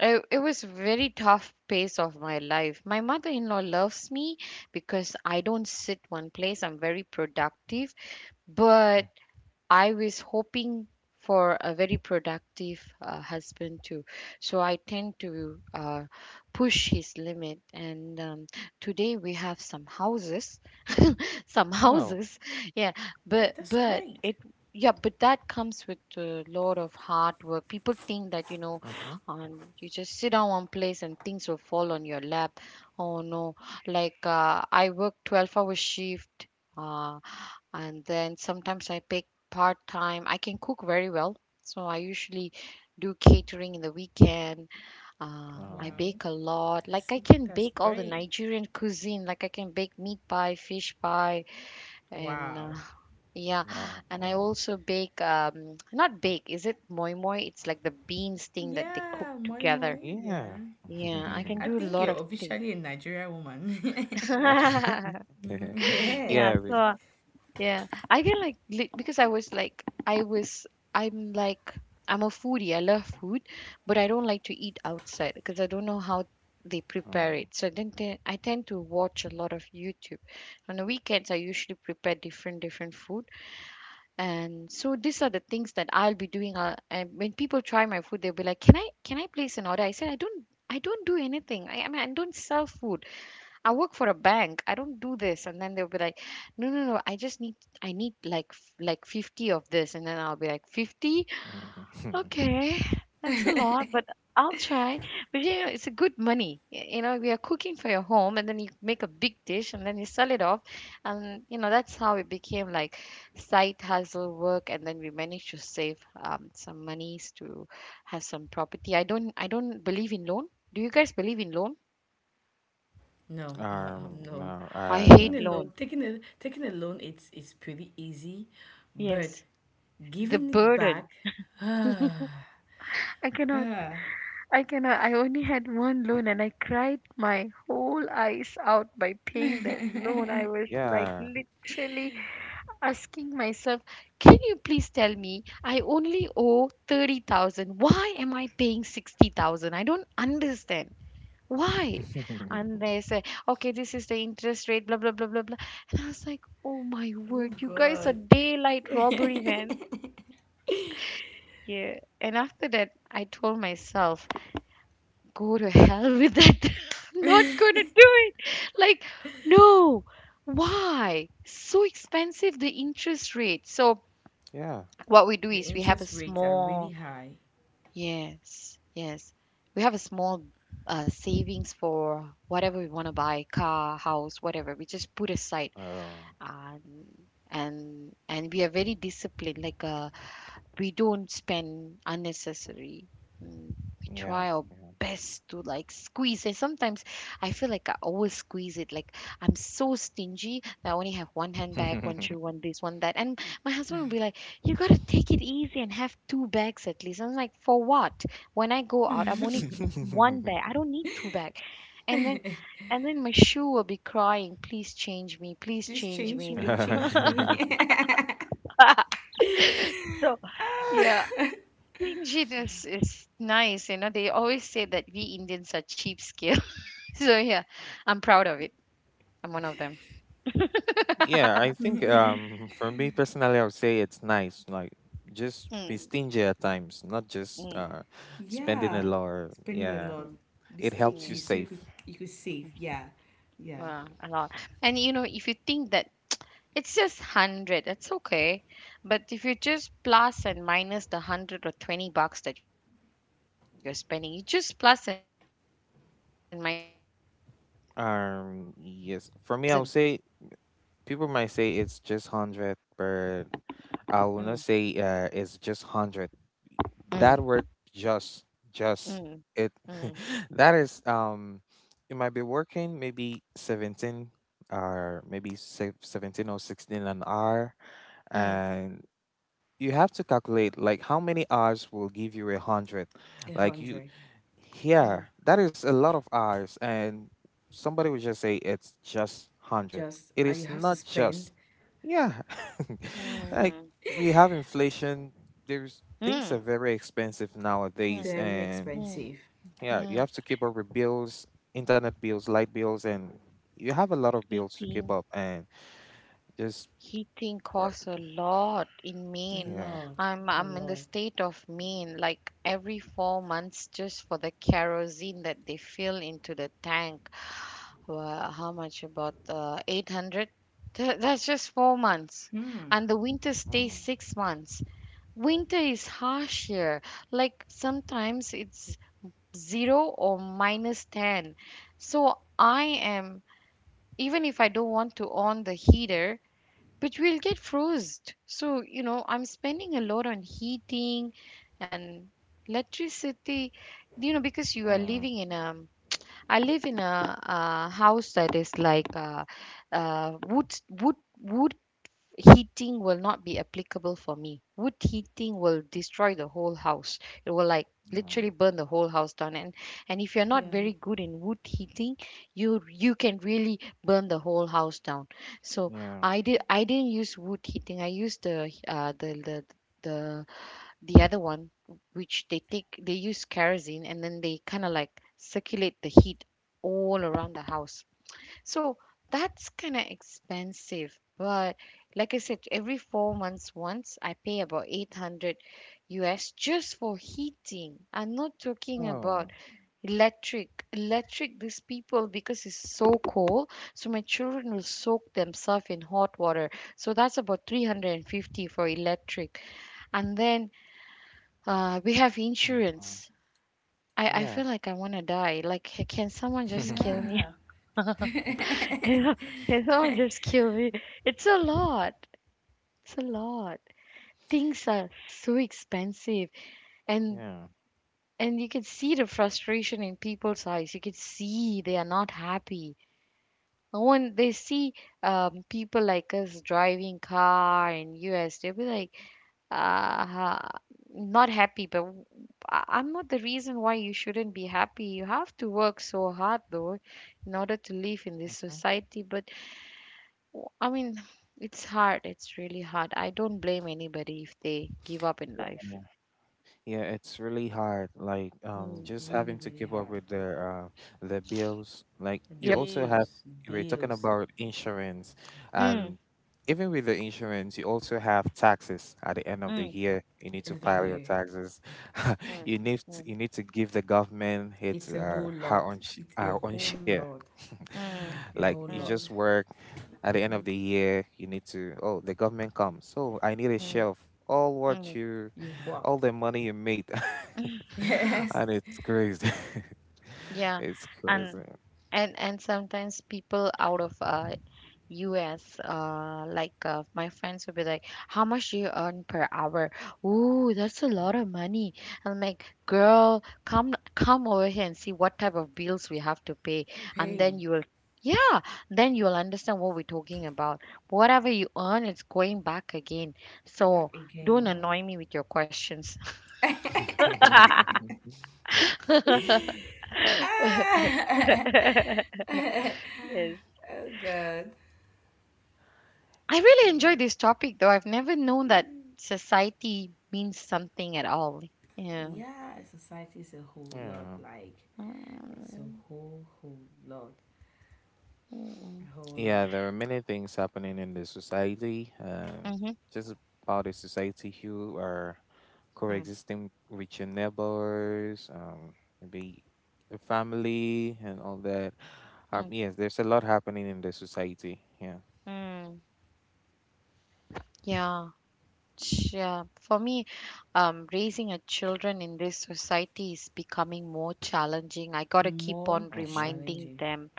Speaker 1: it, it was very tough pace of my life. My mother-in-law loves me because I don't sit one place. I'm very productive, but
Speaker 3: Mm.
Speaker 1: I was hoping for a very productive uh, husband too. So I tend to uh, push his limit. And um, today we have some houses, some
Speaker 3: Oh.
Speaker 1: houses, yeah.
Speaker 2: Yeah,
Speaker 1: But
Speaker 2: that's
Speaker 1: but
Speaker 2: great.
Speaker 1: it yeah, but that comes with a lot of hard work. People think that you know,
Speaker 3: Mm-hmm.
Speaker 1: um, you just sit down one place and things will fall on your lap. Oh no, like uh, I work twelve hour shift. Uh, and then sometimes I pick part time. I can cook very well, so I usually do catering in the weekend. Uh, I
Speaker 3: Wow.
Speaker 2: Wow,
Speaker 1: bake a lot. Like
Speaker 2: that's,
Speaker 1: I can
Speaker 2: that's
Speaker 1: bake all the
Speaker 2: great.
Speaker 1: Nigerian cuisine. Like I can bake meat pie, fish pie, and uh,
Speaker 2: Wow.
Speaker 1: yeah.
Speaker 3: Wow.
Speaker 1: And I
Speaker 3: Wow.
Speaker 1: also bake um not bake. Is it moi moi? It's like the beans thing that they cook
Speaker 2: Yeah, moi moi.
Speaker 1: together.
Speaker 3: Yeah.
Speaker 2: Yeah.
Speaker 1: Yeah, I can
Speaker 2: I
Speaker 1: do a
Speaker 2: think
Speaker 1: lot
Speaker 2: you're
Speaker 1: of things.
Speaker 2: officially a Nigerian woman. Mhm. Yeah.
Speaker 1: Yeah,
Speaker 3: Yeah. we-
Speaker 1: so, yeah, I can like lit- because I was like, I was, I'm like, I'm a foodie. I love food, but I don't like to eat outside because I don't know how they prepare
Speaker 3: Mm.
Speaker 1: it. So then te- I tend to watch a lot of YouTube. On the weekends, I usually prepare different different food, and so these are the things that I'll be doing. Uh, and when people try my food, they'll be like, "Can I can I place an order?" I said, "I don't." I don't do anything. I, I mean, I don't sell food. I work for a bank. I don't do this. And then they'll be like, no, no, no. I just need, I need like, f- like fifty of this. And then I'll be like, fifty?
Speaker 3: Mm.
Speaker 1: Okay. That's a lot, but I'll try. But you know, it's a good money. Y- You know, we are cooking for your home, and then you make a big dish, and then you sell it off. And, you know, that's how it became like side hustle work. And then we managed to save um, some monies to have some property. I don't, I don't believe in loan. Do you guys believe in loan?
Speaker 2: No, uh,
Speaker 3: Um,
Speaker 2: no.
Speaker 3: no,
Speaker 1: I
Speaker 3: I
Speaker 2: Taking
Speaker 1: hate
Speaker 3: don't
Speaker 2: a
Speaker 3: think.
Speaker 2: loan,
Speaker 1: loan.
Speaker 2: taking a taking a loan, it's it's pretty easy, but
Speaker 1: Yes. The
Speaker 2: giving it
Speaker 1: burden.
Speaker 2: back, ah,
Speaker 1: I cannot.
Speaker 2: ah,
Speaker 1: I cannot. I only had one loan, and I cried my whole eyes out by paying that loan. I was like
Speaker 3: Yeah.
Speaker 1: literally asking myself, can you please tell me I only owe thirty thousand? Why am I paying sixty thousand? I don't understand. Why? And they say, okay, this is the interest rate, blah, blah, blah, blah, blah. And I was like, oh my word,
Speaker 2: good
Speaker 1: you guys are
Speaker 2: God.
Speaker 1: daylight robbery, man. Yeah. And after that, I told myself, go to hell with that. I'm not going to do it. Like, no. Why? So expensive, the interest rate. So,
Speaker 3: Yeah.
Speaker 1: what we do
Speaker 2: The
Speaker 1: is we have a
Speaker 2: interest rates are really
Speaker 1: small,
Speaker 2: high.
Speaker 1: yes, yes, we have a small uh, savings for whatever we want to buy car, house, whatever. We just put aside.
Speaker 3: Oh,
Speaker 1: Um, and and we are very disciplined, like a we don't spend unnecessary. Mm. We
Speaker 3: yeah.
Speaker 1: try our
Speaker 3: Yeah.
Speaker 1: best to like squeeze. And sometimes I feel like I always squeeze it. Like I'm so stingy that I only have one handbag, one shoe, one this, one that. And my husband will be like, "You gotta take it easy and have two bags at least." I'm like, "For what? When I go out, I'm only one bag. I don't need two bags." And then. And then my shoe will be crying, please change me, please
Speaker 2: Please
Speaker 1: change
Speaker 2: change
Speaker 1: me
Speaker 2: me,
Speaker 1: before
Speaker 2: change me.
Speaker 1: so yeah.
Speaker 2: Ah,
Speaker 1: Stinginess is nice. You know, they always say that we Indians are cheapskate. So yeah, I'm proud of it. I'm one of them.
Speaker 3: Yeah, I think um for me personally I would say it's nice. Like just be
Speaker 1: Mm,
Speaker 3: stingy at times, not just
Speaker 1: mm,
Speaker 3: uh spending a
Speaker 2: yeah.
Speaker 1: mm,
Speaker 3: lot. or-
Speaker 2: Spending a
Speaker 3: Yeah.
Speaker 2: lot.
Speaker 1: mm,
Speaker 2: Be
Speaker 3: It helps you
Speaker 1: mm.
Speaker 2: stingy so
Speaker 3: save.
Speaker 2: you could you could save. Yeah. Yeah.
Speaker 1: Wow, a lot. And you know, if you think that it's just hundred, that's okay. But if you just plus and minus the hundred or twenty bucks that you're spending, you just plus and minus and see, we are actually reaching not less than thousand.
Speaker 3: Um yes. For me I would say people might say it's just hundred, but I will not
Speaker 1: Mm,
Speaker 3: say uh it's just hundred,
Speaker 1: mm,
Speaker 3: that word just, just
Speaker 1: mm,
Speaker 3: it
Speaker 1: mm,
Speaker 3: that is um you might be working maybe seventeen, or maybe se- seventeen or sixteen an hour,
Speaker 1: mm,
Speaker 3: and you have to calculate like how many hours will give you a hundred,
Speaker 2: A
Speaker 3: like you
Speaker 2: hundred.
Speaker 3: Yeah,
Speaker 1: mm,
Speaker 3: that is a lot of hours, and somebody would just say it's just one hundred.
Speaker 2: Just
Speaker 3: It
Speaker 2: and you
Speaker 3: is
Speaker 2: have to
Speaker 3: not
Speaker 2: spend
Speaker 3: just. Yeah.
Speaker 1: mm,
Speaker 3: Like
Speaker 1: mm,
Speaker 3: we have inflation, there's things are
Speaker 1: mm.
Speaker 3: very expensive
Speaker 1: Mm.
Speaker 3: nowadays,
Speaker 2: very
Speaker 3: and
Speaker 1: Hmm.
Speaker 2: expensive.
Speaker 3: yeah, you
Speaker 1: Mm.
Speaker 3: have to keep up with bills, internet bills, light bills, and you have a lot of bills to keep
Speaker 1: Heating,
Speaker 3: up, and just
Speaker 1: heating
Speaker 3: uh,
Speaker 1: costs a lot in
Speaker 2: A
Speaker 1: Maine.
Speaker 3: yeah.
Speaker 2: lot,
Speaker 1: I'm
Speaker 2: a
Speaker 1: I'm in the
Speaker 2: lot.
Speaker 1: state of Maine, like every four months just for the kerosene that they fill into the tank. Well, how much? About uh, eight hundred? Th- That's just four months.
Speaker 2: Hmm.
Speaker 1: And the winter stays
Speaker 3: Mm,
Speaker 1: six months. Winter is harsh here. Like sometimes it's zero or minus ten. So I am even if I don't want to on the heater, but we'll get frozen. So, you know, I'm spending a lot on heating and electricity, you know, because you are
Speaker 3: yeah.
Speaker 1: living in a, I live in a, uh house that is like uh, uh, wood, wood, wood heating will not be applicable for me. Wood heating will destroy the whole house. It will like
Speaker 3: Yeah.
Speaker 1: literally burn the whole house down, and and if you're not
Speaker 2: Yeah.
Speaker 1: very good in wood heating, you you can really burn the whole house down. So
Speaker 3: Yeah.
Speaker 1: i did i didn't use wood heating. I used the uh the the the, the other one, which they take, they use kerosene, and then they kind of like circulate the heat all around the house. So that's kind of expensive. But like I said, every four months once I pay about eight hundred U S just for heating. I'm not talking
Speaker 3: Oh.
Speaker 1: about electric. Electric, these people, because it's so cold, so my children will soak themselves in hot water. So that's about three hundred fifty for electric. And then uh, we have
Speaker 3: Mhm,
Speaker 1: insurance. I, I
Speaker 3: yeah.
Speaker 1: feel like I want to die. Like, can someone just kill me?
Speaker 2: Yeah.
Speaker 1: Can someone just kill me? It's a lot. It's a lot. Things are so expensive, and
Speaker 3: Yeah.
Speaker 1: and you can see the frustration in people's eyes. You can see they are not happy. And when they see um, people like us driving car in U S, they'll be like, uh, not happy. But w- I- I'm not the reason why you shouldn't be happy. You have to work so hard though, in order to live in this society. But W- I mean, it's hard. It's really hard. I don't blame anybody if they give up in life.
Speaker 3: Mhm. Yeah, it's really hard. Like, um,
Speaker 1: Mm.
Speaker 3: just having
Speaker 2: Really,
Speaker 3: to
Speaker 2: really
Speaker 3: keep up
Speaker 2: hard.
Speaker 3: with their uh, their bills. Like, you
Speaker 1: Yep.
Speaker 3: also have,
Speaker 2: Bills,
Speaker 3: you were talking
Speaker 2: bills.
Speaker 3: about insurance,
Speaker 1: Mm.
Speaker 3: and even with the insurance, you also have taxes at the end of the
Speaker 1: Mm.
Speaker 3: year. You
Speaker 2: At
Speaker 3: need
Speaker 2: the
Speaker 3: to
Speaker 2: end of the
Speaker 3: file
Speaker 1: Mm-hmm.
Speaker 3: your
Speaker 2: year.
Speaker 3: taxes.
Speaker 1: Mm.
Speaker 3: You need to,
Speaker 1: Mm.
Speaker 3: you need to give the government its
Speaker 2: It's a
Speaker 3: uh,
Speaker 2: whole
Speaker 3: her
Speaker 2: lot.
Speaker 3: own sh-
Speaker 2: It's a
Speaker 3: our own
Speaker 2: whole
Speaker 3: share.
Speaker 2: lot.
Speaker 1: Mm.
Speaker 2: A
Speaker 3: Like,
Speaker 2: whole
Speaker 1: Mm.
Speaker 3: you
Speaker 2: lot.
Speaker 3: just
Speaker 1: Mm.
Speaker 3: work. At the end of the year, you need to. Oh, the government comes. So I need a
Speaker 1: Mm.
Speaker 3: share of all what
Speaker 1: Mm.
Speaker 3: you
Speaker 2: You've
Speaker 3: all
Speaker 2: worked.
Speaker 3: the money you made.
Speaker 1: Mm.
Speaker 2: Yes.
Speaker 3: And it's crazy.
Speaker 1: Yeah,
Speaker 3: It's
Speaker 1: and
Speaker 3: crazy.
Speaker 1: and and sometimes people out of uh U S uh like uh, my friends will be like, how much do you earn per hour? Ooh, that's a lot of money. I'm like, girl, come come over here and see what type of bills we have to pay, and
Speaker 2: Pay.
Speaker 1: then you will, yeah, then you'll understand what we're talking about. Whatever you earn, it's going back again. So
Speaker 2: Back
Speaker 1: don't
Speaker 2: again.
Speaker 3: Mm.
Speaker 1: annoy me with your questions.
Speaker 2: Ah! Oh
Speaker 1: Yes.
Speaker 2: God.
Speaker 1: I really
Speaker 3: Yeah.
Speaker 1: enjoy this topic though. I've never known that society means something at all. Yeah.
Speaker 2: Yeah, society is a whole lot.
Speaker 3: Yeah.
Speaker 2: Like, it's a whole, whole lot,
Speaker 1: Mm-hmm.
Speaker 2: a whole lot
Speaker 3: Yeah, there are many things happening in the society. Uh,
Speaker 1: Mm-hmm.
Speaker 3: just about the society, who are coexisting with your neighbors, um, maybe the family and all that. Um, yes, there's a lot happening in the society. Yeah.
Speaker 1: Mm-hmm. Yeah. Ch- Yeah. For me, um, raising a children in this society is becoming more challenging. I gotta keep
Speaker 2: more
Speaker 1: on
Speaker 3: Mm-hmm.
Speaker 1: reminding
Speaker 2: challenging.
Speaker 1: them,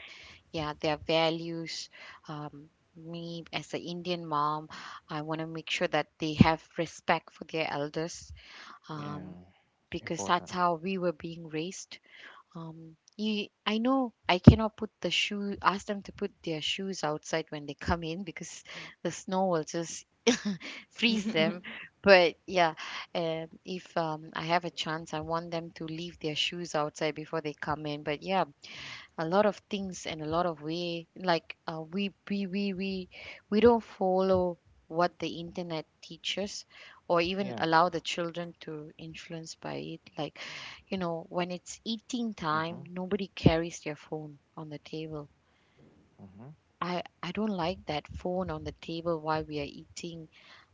Speaker 1: yeah, their values. Um, me as an Indian mom, I want to make sure that they have respect for their elders. Um,
Speaker 3: Yeah. It's
Speaker 1: because that's
Speaker 3: important.
Speaker 1: how we were being raised. Um, you, I know I cannot put the shoe, ask them to put their shoes outside when they come in because the snow will just freeze them. But yeah, um, if um, I have a chance, I want them to leave their shoes outside before they come in. But yeah, a lot of things and a lot of way, like uh, we we we we we don't follow what the internet teaches, or even
Speaker 3: Yeah.
Speaker 1: allow the children to influence by it. Like, you know, when it's eating time,
Speaker 3: Mm-hmm.
Speaker 1: nobody carries their phone on the table.
Speaker 3: Mm-hmm.
Speaker 1: I i don't like that phone on the table while we are eating.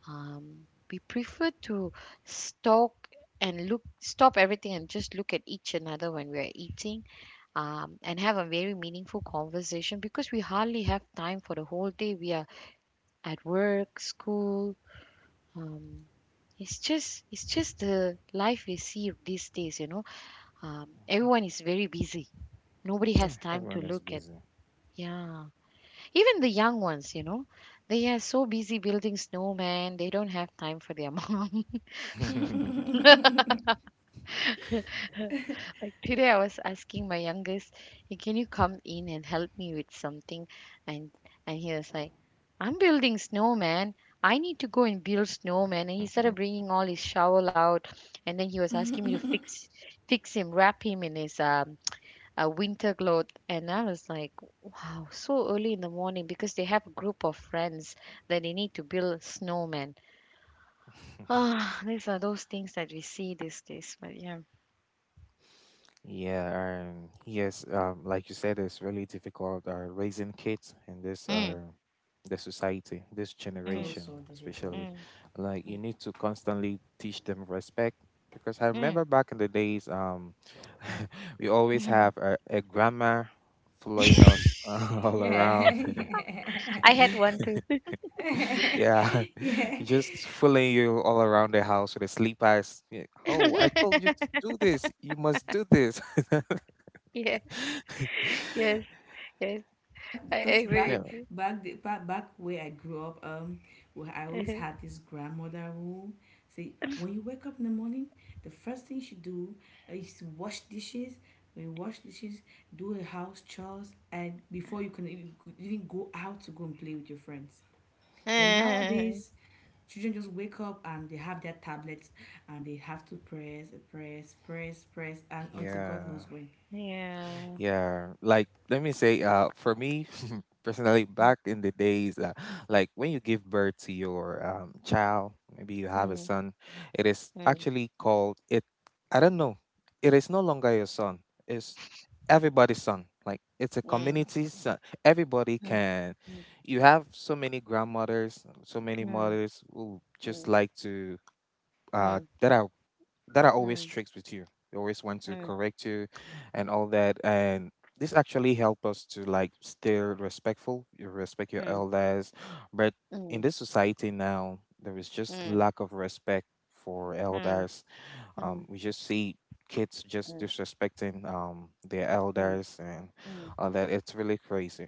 Speaker 1: um we prefer to stalk and look, stop everything and just look at each another when we are eating, um, and have a very meaningful conversation because we hardly have time for the whole day. We are at work, school. Um, it's just it's just the life we see these days. You know, um,
Speaker 3: Hmm.
Speaker 1: everyone is very busy. Nobody
Speaker 3: Yeah.
Speaker 1: has time
Speaker 3: Everyone
Speaker 1: to
Speaker 3: is
Speaker 1: look at.
Speaker 3: busy.
Speaker 1: Yeah, even the young ones. You know, they are so busy building snowmen. They don't have time for their mom. Like today, I was asking my youngest, "Hey, can you come in and help me with something?" And and he was like, "I'm building snowman. I need to go and build snowman." And he started bringing all his shovel out, and then he was asking me to fix fix him, wrap him in his um uh, winter cloth. And I was like, "Wow, so early in the morning!" Because they have a group of friends that they need to build snowman. Ah, these are those things that we see these days. But yeah.
Speaker 3: Yeah. Um, yes. Um, like you said, it's really difficult uh, raising kids in this,
Speaker 1: Mm.
Speaker 3: uh, the society, this
Speaker 1: Mm.
Speaker 2: So,
Speaker 3: generation,
Speaker 2: so difficult.
Speaker 3: especially.
Speaker 1: Mm.
Speaker 3: Like you need to constantly teach them respect. Because I
Speaker 1: Mm.
Speaker 3: remember back in the days, um, we always
Speaker 1: Mm.
Speaker 3: have a, a grandma, following us all around.
Speaker 2: Yeah,
Speaker 1: I had one too.
Speaker 2: yeah.
Speaker 3: Yeah,
Speaker 2: Yeah.
Speaker 3: just fooling you all around the house with a sleep eyes. Yeah, oh, I told you to do this. You must do this.
Speaker 1: Yeah, yes, yes. I
Speaker 2: Because
Speaker 3: Yeah,
Speaker 1: agree
Speaker 2: back,
Speaker 1: with
Speaker 2: back, the, back, back where I grew up, um, where I always
Speaker 1: you.
Speaker 2: had this grandmother who say, when you wake up in the morning, the first thing you should do uh, is to wash dishes. When you wash dishes, do a house chores, and before you can even even go out to go and play with your friends. But
Speaker 1: Mhm.
Speaker 2: nowadays, children just wake up and they have their tablets, and they have to press, press, press, press, and until God
Speaker 3: yeah.
Speaker 2: knows when.
Speaker 1: Yeah.
Speaker 3: Yeah, like let me say, uh, for me personally,
Speaker 1: Mm.
Speaker 3: back in the days, uh, like when you give birth to your um, child, maybe you have a
Speaker 1: Mhm.
Speaker 3: son, it is
Speaker 1: Mm.
Speaker 3: actually called it. I don't know. It is no longer your son. It's everybody's son. Like it's a
Speaker 1: Mm.
Speaker 3: community son. Everybody can. You have so many grandmothers, so many
Speaker 1: Mm.
Speaker 3: mothers who just like to uh,
Speaker 1: Mm.
Speaker 3: that are, that are always
Speaker 1: Mm.
Speaker 3: tricks with you. They always want
Speaker 1: Mm.
Speaker 3: to
Speaker 1: Mm.
Speaker 3: correct you and all that. And this actually help us to like stay respectful. You respect your
Speaker 1: Mm. Mm.
Speaker 3: elders. But
Speaker 1: Mm.
Speaker 3: in
Speaker 1: Mm.
Speaker 3: this society now, there is
Speaker 1: Mm.
Speaker 3: just
Speaker 1: Mm. Mm.
Speaker 3: lack of respect for elders. Um, we just see kids just disrespecting um their
Speaker 1: Mm.
Speaker 3: elders and
Speaker 1: Mm. Mm.
Speaker 3: all that. It's really crazy.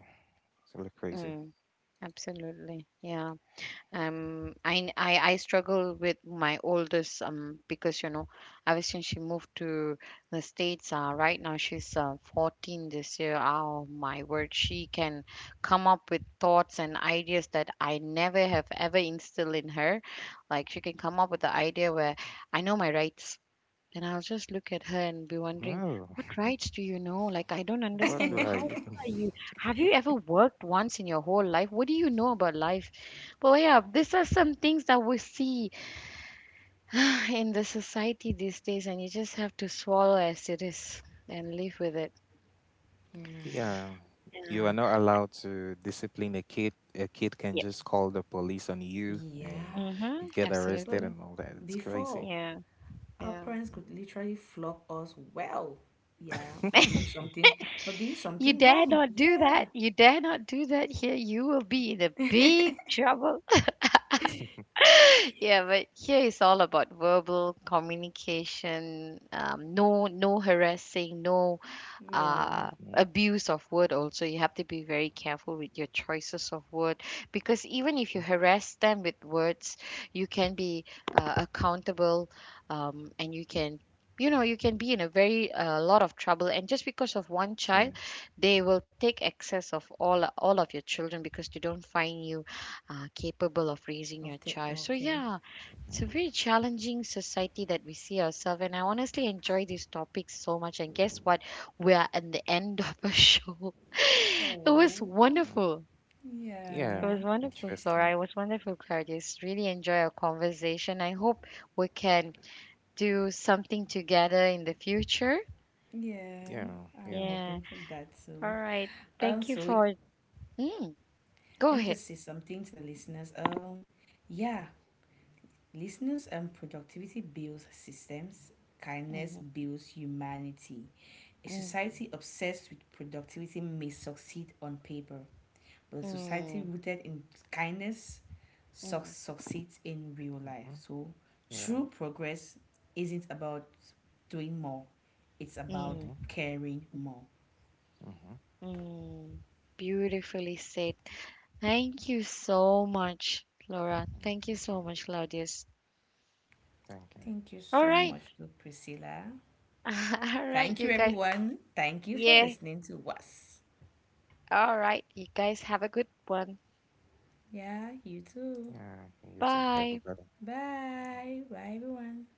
Speaker 3: It's really crazy.
Speaker 1: Mm. Absolutely. Yeah. um I, I i struggle with my oldest, um because, you know, ever since she moved to the states, uh right now she's uh, fourteen this year. Oh my word, she can come up with thoughts and ideas that I never have ever instilled in her. Like, she can come up with the idea where I know my rights. Then I'll just look at her and be wondering,
Speaker 3: Oh,
Speaker 1: what rights do you know? Like, I don't
Speaker 3: what
Speaker 1: understand.
Speaker 3: right?
Speaker 1: How old are you? Have you ever worked once in your whole life? What do you know about life? But yeah, these are some things that we see in the society these days, and you just have to swallow as it is and live with it.
Speaker 3: Yeah, you
Speaker 1: Yeah.
Speaker 3: are not allowed to discipline a kid. A kid can
Speaker 1: Yeah.
Speaker 3: just call the police on you, and
Speaker 2: Yeah.
Speaker 3: you
Speaker 1: Mm-hmm.
Speaker 3: get arrested
Speaker 2: But
Speaker 1: Absolutely.
Speaker 3: and all that. It's
Speaker 2: before,
Speaker 3: crazy.
Speaker 1: Yeah.
Speaker 2: our
Speaker 1: Yeah.
Speaker 2: parents could literally flog us well. Yeah, for doing something, for doing
Speaker 1: You
Speaker 2: something
Speaker 1: dare
Speaker 2: wrong.
Speaker 1: not do
Speaker 2: Yeah.
Speaker 1: that. You dare not do that here. You will be in a big trouble. Yeah, but here is all about verbal communication. Um, no, no harassing, no
Speaker 2: Yeah.
Speaker 1: uh,
Speaker 3: Mhm,
Speaker 1: abuse of word. Also, you have to be very careful with your choices of word, because even if you
Speaker 3: mhm,
Speaker 1: harass them with words, you can be uh, accountable, um, and you can, you know, you can be in a very uh, lot of trouble, and just because of one
Speaker 3: yeah.
Speaker 1: child, they will take excess of all all of your children because they don't find you uh, capable of raising
Speaker 2: Of
Speaker 1: your
Speaker 2: the
Speaker 1: child. So
Speaker 2: okay.
Speaker 1: yeah, it's a
Speaker 3: Mhm,
Speaker 1: very challenging society that we see ourselves, and I honestly enjoy these topics so much, and guess what, we are at the end of a show. It was
Speaker 2: Oh,
Speaker 3: mm.
Speaker 1: wonderful.
Speaker 3: Yeah,
Speaker 1: It
Speaker 2: yeah,
Speaker 1: was wonderful,
Speaker 3: interesting.
Speaker 1: Flora. It was wonderful, Claudius. Really enjoy our conversation. I hope we can do something together in the future.
Speaker 2: yeah.
Speaker 3: Yeah, yeah.
Speaker 2: I'm
Speaker 1: Yeah.
Speaker 2: hoping for that
Speaker 1: All
Speaker 2: too.
Speaker 1: right. Thank you
Speaker 2: Um, so
Speaker 1: for.
Speaker 2: it-
Speaker 1: Mm, go
Speaker 2: Let me
Speaker 1: ahead.
Speaker 2: just say something to the listeners. Um, yeah, listeners, and productivity builds systems, kindness
Speaker 1: Mhm.
Speaker 2: builds humanity. A
Speaker 1: Mm.
Speaker 2: society obsessed with productivity may succeed on paper, but a society
Speaker 1: Mm.
Speaker 2: rooted in kindness suc
Speaker 1: Mm.
Speaker 2: succeeds in real
Speaker 3: Hmm.
Speaker 2: life. So,
Speaker 3: Yeah.
Speaker 2: true progress isn't about doing more, it's
Speaker 3: Hmm.
Speaker 2: about
Speaker 1: Mm.
Speaker 2: caring more.
Speaker 3: Hmm.
Speaker 1: Mm. Beautifully said. Thank you so much, Flora. Thank you
Speaker 3: Thank you.
Speaker 1: so much, Claudius.
Speaker 3: Thank you.
Speaker 2: Thank you
Speaker 1: All
Speaker 2: so
Speaker 1: right.
Speaker 2: much to Priscilla.
Speaker 1: All right,
Speaker 2: Thank you,
Speaker 1: you guys.
Speaker 2: everyone. Thank you for
Speaker 1: Yeah.
Speaker 2: listening to us.
Speaker 1: All right. You guys have a good one.
Speaker 2: Yeah, you too.
Speaker 3: Yeah, you too.
Speaker 1: Bye.
Speaker 3: Everybody.
Speaker 2: Bye. Bye, everyone.